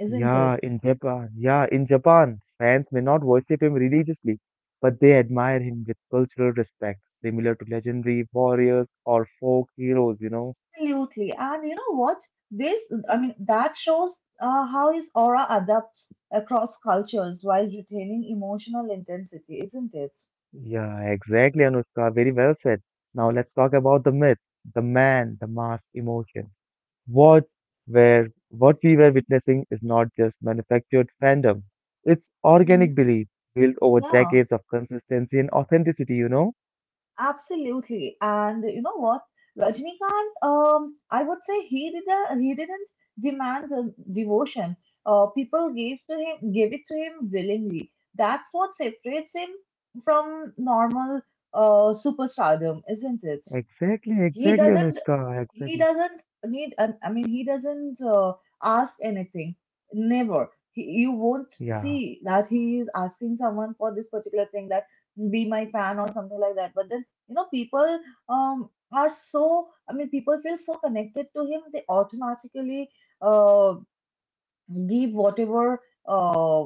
isn't Yeah, it? in Japan, yeah, in Japan, fans may not worship him religiously, but they admire him with cultural respect, similar to legendary warriors or folk heroes, you know. Absolutely. And you know what? This, I mean, that shows uh, how his aura adapts across cultures while retaining emotional intensity, isn't it? Yeah, exactly, Anushka. Very well said. Now let's talk about the myth, the man, the mass emotion. What where what we were witnessing is not just manufactured fandom. It's Mhm. organic belief built over Yeah. decades of consistency and authenticity, you know? Absolutely. And you know what? Rajnikant, um, I would say he did a, he didn't demand a devotion. Uh, people gave to him gave it to him willingly. That's what separates him from normal uh, superstardom, isn't it? Exactly, he exactly, doesn't Anushka. he Exactly. doesn't need an- I mean he doesn't uh, ask anything. Never he, you won't Yeah. see that he is asking someone for this particular thing that be my fan or something like that. But then you know people um are, so I mean people feel so connected to him they automatically uh give whatever uh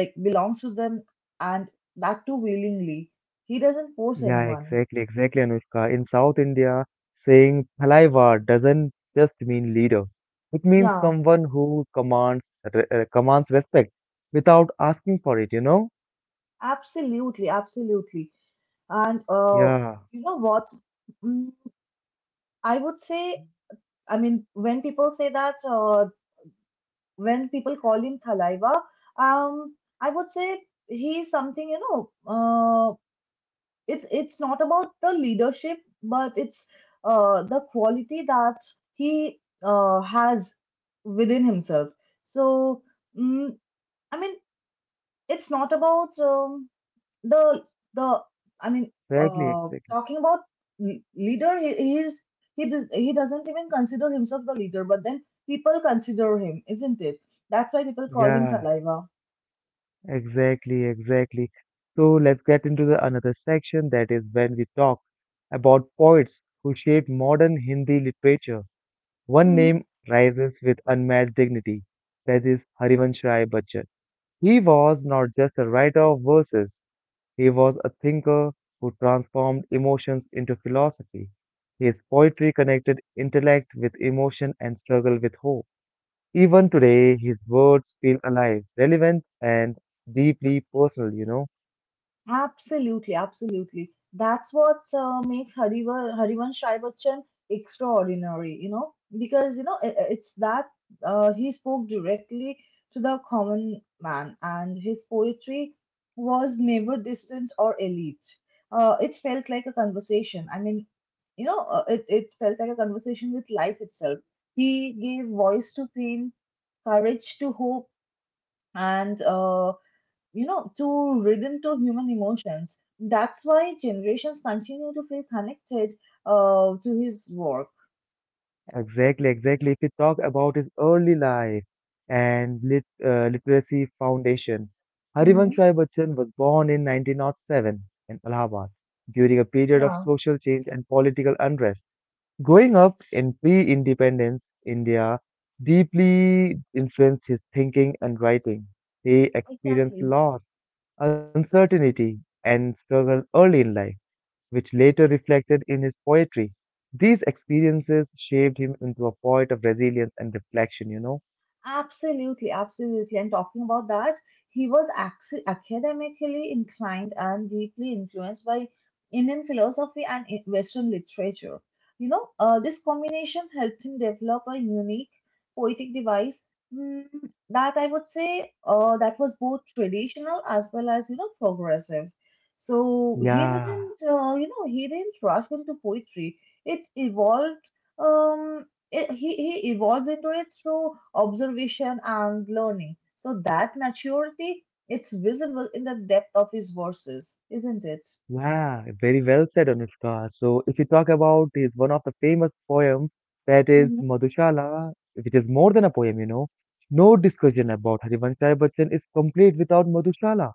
like belongs to them, and that too willingly. He doesn't force Yeah, anyone. exactly, exactly, Anushka. In South India, saying Palaivar doesn't just mean leader. It means Yeah, someone who commands re- uh, commands respect without asking for it, you know? absolutely, absolutely. And uh, Yeah, you know what? Mm, I would say, I mean, when people say that, uh, when people call him Thalaiva, um, I would say he's something, you know, uh, it's it's not about the leadership, but it's uh, the quality that he uh, has within himself. So, mm, I mean, it's not about um, the the I mean, exactly, uh, exactly. talking about le- leader, he, he is he does he doesn't even consider himself the leader, but then people consider him, isn't it? That's why people call him Yeah, saliva. exactly, exactly. So let's get into the another section that is when we talk about poets who shaped modern Hindi literature. One Mm-hmm. name rises with unmatched dignity, that is Harivansh Rai Bachchan. He was not just a writer of verses, he was a thinker who transformed emotions into philosophy. His poetry connected intellect with emotion and struggle with hope. Even today, his words feel alive, relevant, and deeply personal, you know. Absolutely, absolutely. That's what uh, makes Harivar, Harivansh Rai Bachchan extraordinary, you know, because, you know, i- i- it's that uh, he spoke directly to the common man, and his poetry was never distant or elite. Uh, it felt like a conversation. I mean, you know, uh, it, it felt like a conversation with life itself. He gave voice to pain, courage to hope, and uh, you know, to rhythm to human emotions. That's why generations continue to feel connected uh, to his work. Exactly, exactly. If we talk about his early life and lit, uh, literacy foundation, Harivansh Hmm. Rai Bachchan was born in nineteen oh seven in Allahabad during a period of Yeah, social change and political unrest. Growing up in pre independence India deeply influenced his thinking and writing. He experienced exactly. loss, uncertainty, and struggle early in life, which later reflected in his poetry. These experiences shaped him into a poet of resilience and reflection, you know? Absolutely, absolutely. And talking about that, he was ac- academically inclined and deeply influenced by Indian philosophy and I- Western literature. You know, uh, this combination helped him develop a unique poetic device, mm, that I would say uh, that was both traditional as well as you know progressive. So he Yeah. didn't, uh, you know, he didn't rush into poetry. It evolved. Um, it, he, he evolved into it through observation and learning. So that maturity, it's visible in the depth of his verses, isn't it? Yeah, very well said, Anushka. So, if you talk about is one of the famous poems that is Mhm. Madhushala, which is more than a poem, you know, no discussion about Harivansh Rai Bachchan is complete without Madhushala.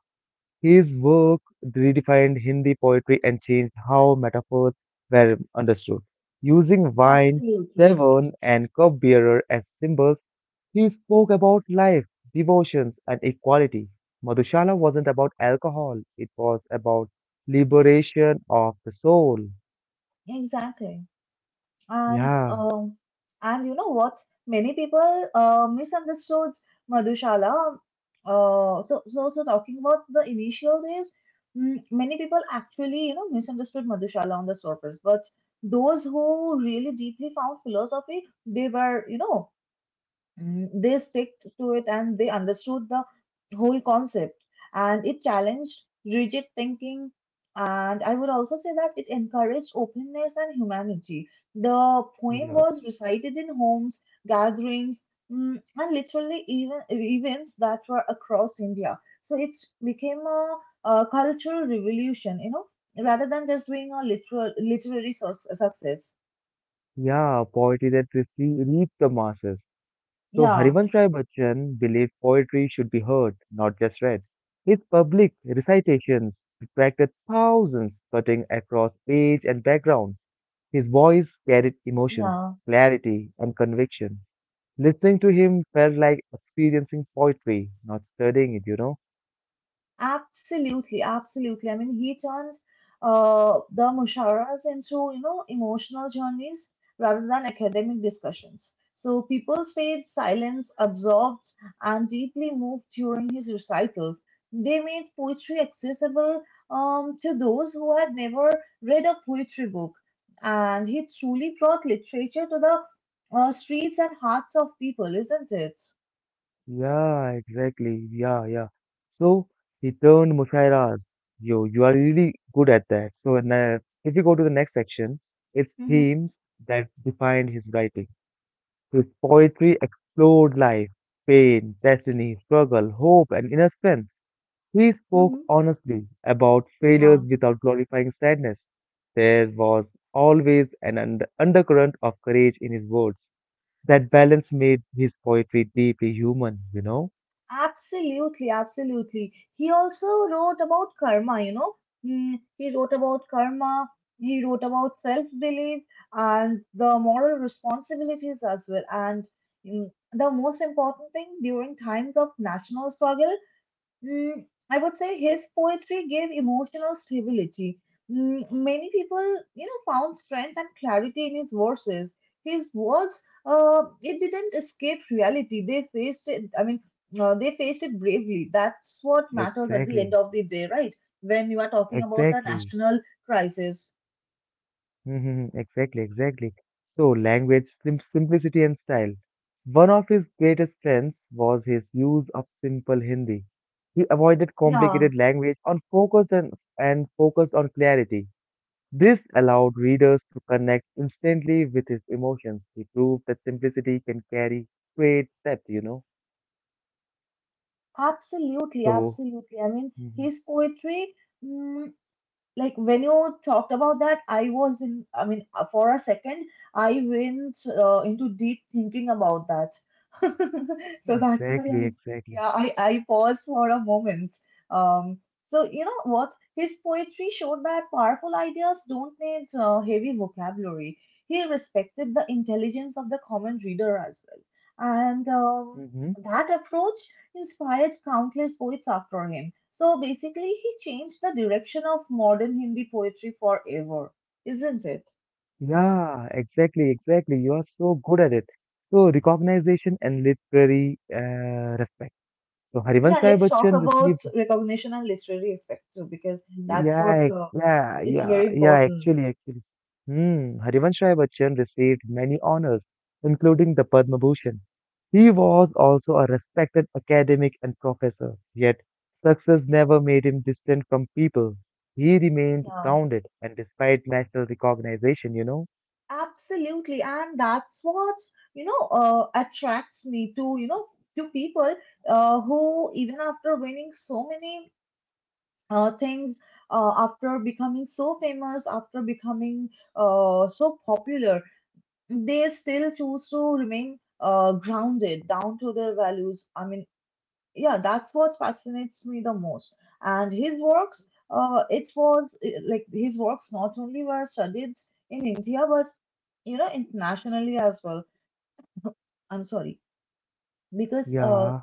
His work redefined Hindi poetry and changed how metaphors were understood. Using wine, Absolutely. tavern, and cup bearer as symbols, he spoke about life, devotions, and equality. Madhushala wasn't about alcohol, it was about liberation of the soul. Exactly. And Yeah, um, and you know what? Many people uh, misunderstood Madhushala. Uh, so, so so talking about the initial days, mm, many people actually you know misunderstood Madhushala on the surface. But those who really deeply found philosophy, they were you know, Mm, they stick to it and they understood the whole concept, and it challenged rigid thinking. And I would also say that it encouraged openness and humanity. The poem yeah, was recited in homes, gatherings, mm, and literally even events that were across India. So it became a, a cultural revolution, you know, rather than just being a literal literary source, success. yeah, poetry that really reached the masses. So Yeah, Harivansh Rai Bachchan believed poetry should be heard, not just read. His public recitations attracted thousands, cutting across age and background. His voice carried emotions, yeah. clarity, and conviction. Listening to him felt like experiencing poetry, not studying it, you know? Absolutely, absolutely. I mean, he turned uh, the musharas into, you know, emotional journeys rather than academic discussions. So people stayed silent, absorbed, and deeply moved during his recitals. They made poetry accessible um, to those who had never read a poetry book. And he truly brought literature to the uh, streets and hearts of people, isn't it? Yeah, exactly. Yeah, yeah. So he turned Mushaira's. Yo, you are really good at that. So and, uh, if you go to the next section, it's Mm-hmm. themes that defined his writing. His poetry explored life, pain, destiny, struggle, hope, and innocence. He spoke Mm-hmm. honestly about failures Yeah. without glorifying sadness. There was always an und- undercurrent of courage in his words. That balance made his poetry deeply human, you know? Absolutely, absolutely. He also wrote about karma, you know. Mm, he wrote about karma, he wrote about self belief and the moral responsibilities as well. And mm, the most important thing during times of national struggle, Mm, I would say his poetry gave emotional stability. Mm, many people, you know, found strength and clarity in his verses. His words, uh, it didn't escape reality. They faced it. I mean, uh, they faced it bravely. That's what matters at the end Exactly, of the day, right? When you are talking about a exactly, national crisis. mhm, exactly, exactly. So, language, sim- simplicity, and style. One of his greatest strengths was his use of simple Hindi. He avoided Yeah, complicated language on focus and, and focused on clarity. This allowed readers to connect instantly with his emotions. He proved that simplicity can carry great depth, you know. absolutely, So, absolutely. I mean, mhm, his poetry. mm, like when you talked about that, I was in, i mean uh, for a second I went uh, into deep thinking about that. So that's why I, exactly, exactly, yeah, i i paused for a moment. um so you know what, his poetry showed that powerful ideas don't need uh, heavy vocabulary. He respected the intelligence of the common reader as well. And um, hmm, that approach inspired countless poets after him. So basically, he changed the direction of modern Hindi poetry forever, isn't it? yeah, exactly, exactly. You are so good at it. So, recognition and literary uh, respect. So, Harivansh Yeah, Rai let's talk Bachchan about received recognition and literary respect too, because that's what, yeah, uh, yeah, it's yeah, very yeah, important. actually, actually. Hmm, Harivansh Rai Bachchan received many honors, including the Padma Bhushan. He was also a respected academic and professor, yet success never made him distant from people. He remained Yeah, grounded and despite national recognition, you know? absolutely. And that's what you know uh, attracts me to, you know, to people uh, who even after winning so many uh, things, uh, after becoming so famous, after becoming uh, so popular, they still choose to remain uh, grounded down to their values. I mean, yeah, that's what fascinates me the most. And his works, uh, it was eh, like his works not only were studied in India, but you know, internationally as well. I'm sorry, because uh, Yeah.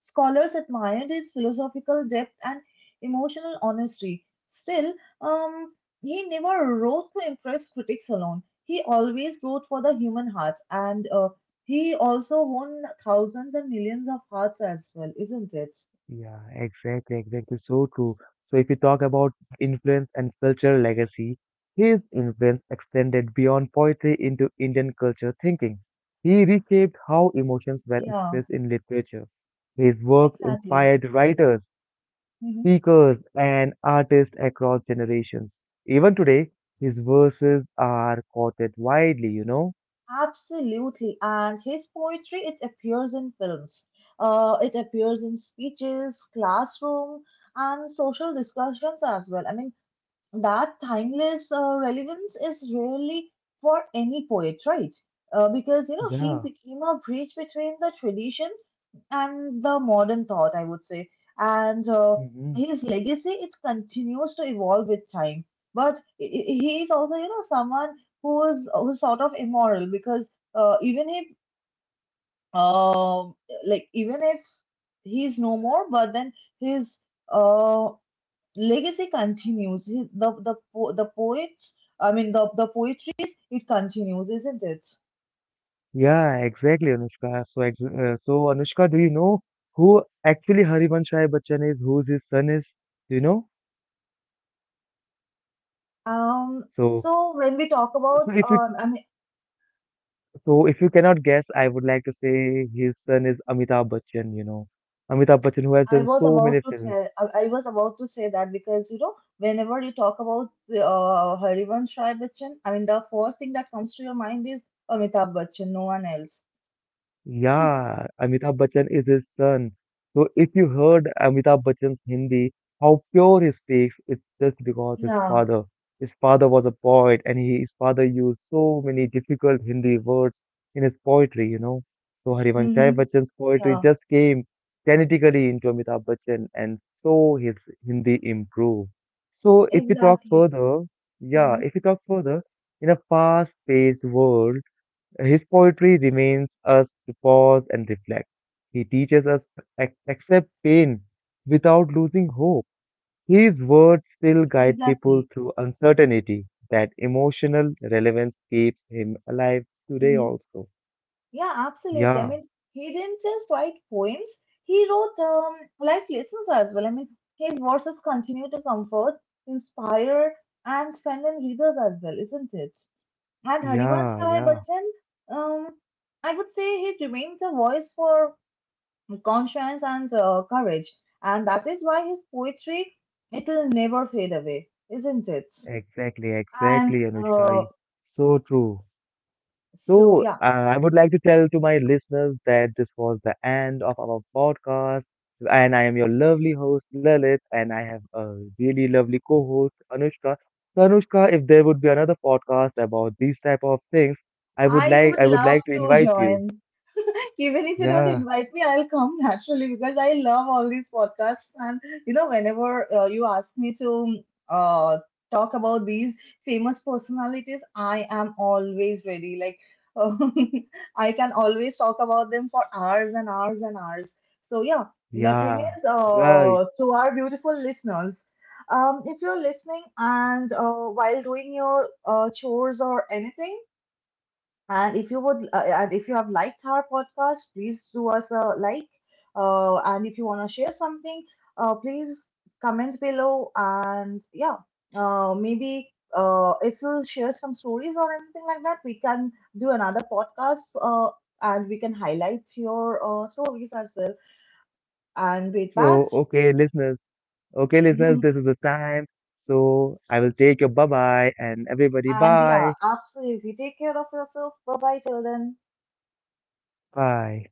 scholars admired his philosophical depth and emotional honesty. Still, um, he never wrote to impress critics alone. He always wrote for the human heart, and uh, he also won thousands and millions of hearts as well, isn't it? Yeah, exactly, exactly. So true. So if you talk about influence and cultural legacy, his influence extended beyond poetry into Indian culture thinking. He reshaped how emotions were Yeah, expressed in literature. His work exactly. inspired writers, Hmm. speakers, and artists across generations. Even today, his verses are quoted widely, you know? Absolutely. And his poetry, it appears in films, uh, it appears in speeches, classroom, and social discussions as well. I mean, that timeless uh, relevance is really for any poet, right? Uh, because you know he Yeah. became a bridge between the tradition and the modern thought, I would say, and uh, Mhm. his legacy, it continues to evolve with time. But i- i- he is also you know someone who is, who's sort of immoral, because uh, even if um like even if he's no more, but then his uh, legacy continues. He- The the po- the poets, I mean the the poetry, it continues, isn't it? Yeah, exactly, Anushka. So, ex uh, so Anushka, do you know who actually Harivansh Rai Bachchan is, whose his son is? Do you know? Um. So, So when we talk about, so if you um, I mean, so if you cannot guess, I would like to say his son is Amitabh Bachchan. You know, Amitabh Bachchan, who has I done was so about many to films. tell, I, I was about to say that, because you know, whenever you talk about the uh, Harivansh Rai Bachchan, I mean, the first thing that comes to your mind is Amitabh Bachchan, no one else. Yeah, Amitabh Bachchan is his son. So if you heard Amitabh Bachchan's Hindi, how pure he speaks, it's just because his Yeah. father. His father was a poet and he, his father used so many difficult Hindi words in his poetry, you know. So Mm-hmm. Harivanshai Bachchan's poetry Yeah. just came genetically into Amitabh Bachchan and so his Hindi improved. So if we talk Exactly. further, yeah, Mm-hmm. if we talk further, in a fast-paced world, his poetry remains us to pause and reflect. He teaches us to ac- accept pain without losing hope. His words still guide people Exactly. through uncertainty. That emotional relevance keeps him alive today Mm-hmm. also. Yeah, absolutely. I Yeah, mean, he didn't just write poems, he wrote um, life lessons as well. I mean, his verses continue to comfort, inspire, and strengthen readers as well, isn't it? And Harivansh yeah, Rai yeah. Bachchan, um, I would say he remains a voice for conscience and uh, courage. And that is why his poetry, it will never fade away, isn't it? Exactly, And exactly, uh, Anushka. So true. so, So, yeah, uh, I would like to tell to my listeners that this was the end of our podcast. And I am your lovely host, Lalit, and I have a really lovely co-host, Anushka. So, Anushka, if there would be another podcast about these type of things, I would I like would I would love like to to invite you. join. Even if you don't Yeah, invite me, I'll come naturally because I love all these podcasts. And you know, whenever uh, you ask me to uh, talk about these famous personalities, I am always ready. Like, I can always talk about them for hours and hours and hours. So, yeah, the thing yeah, is, yeah. uh, to our beautiful listeners, um, if you're listening and uh, while doing your uh, chores or anything, and if you would, uh, and if you have liked our podcast, please do us a like. Uh, and if you want to share something, uh, please comment below. And yeah, uh, maybe uh, if you share some stories or anything like that, we can do another podcast. Uh, and we can highlight your uh, stories as well. And with that, So, okay, listeners. Okay, listeners, and this is the time. So, I will take your bye-bye and everybody yeah, bye. absolutely. Take care of yourself. Bye bye till then. Bye.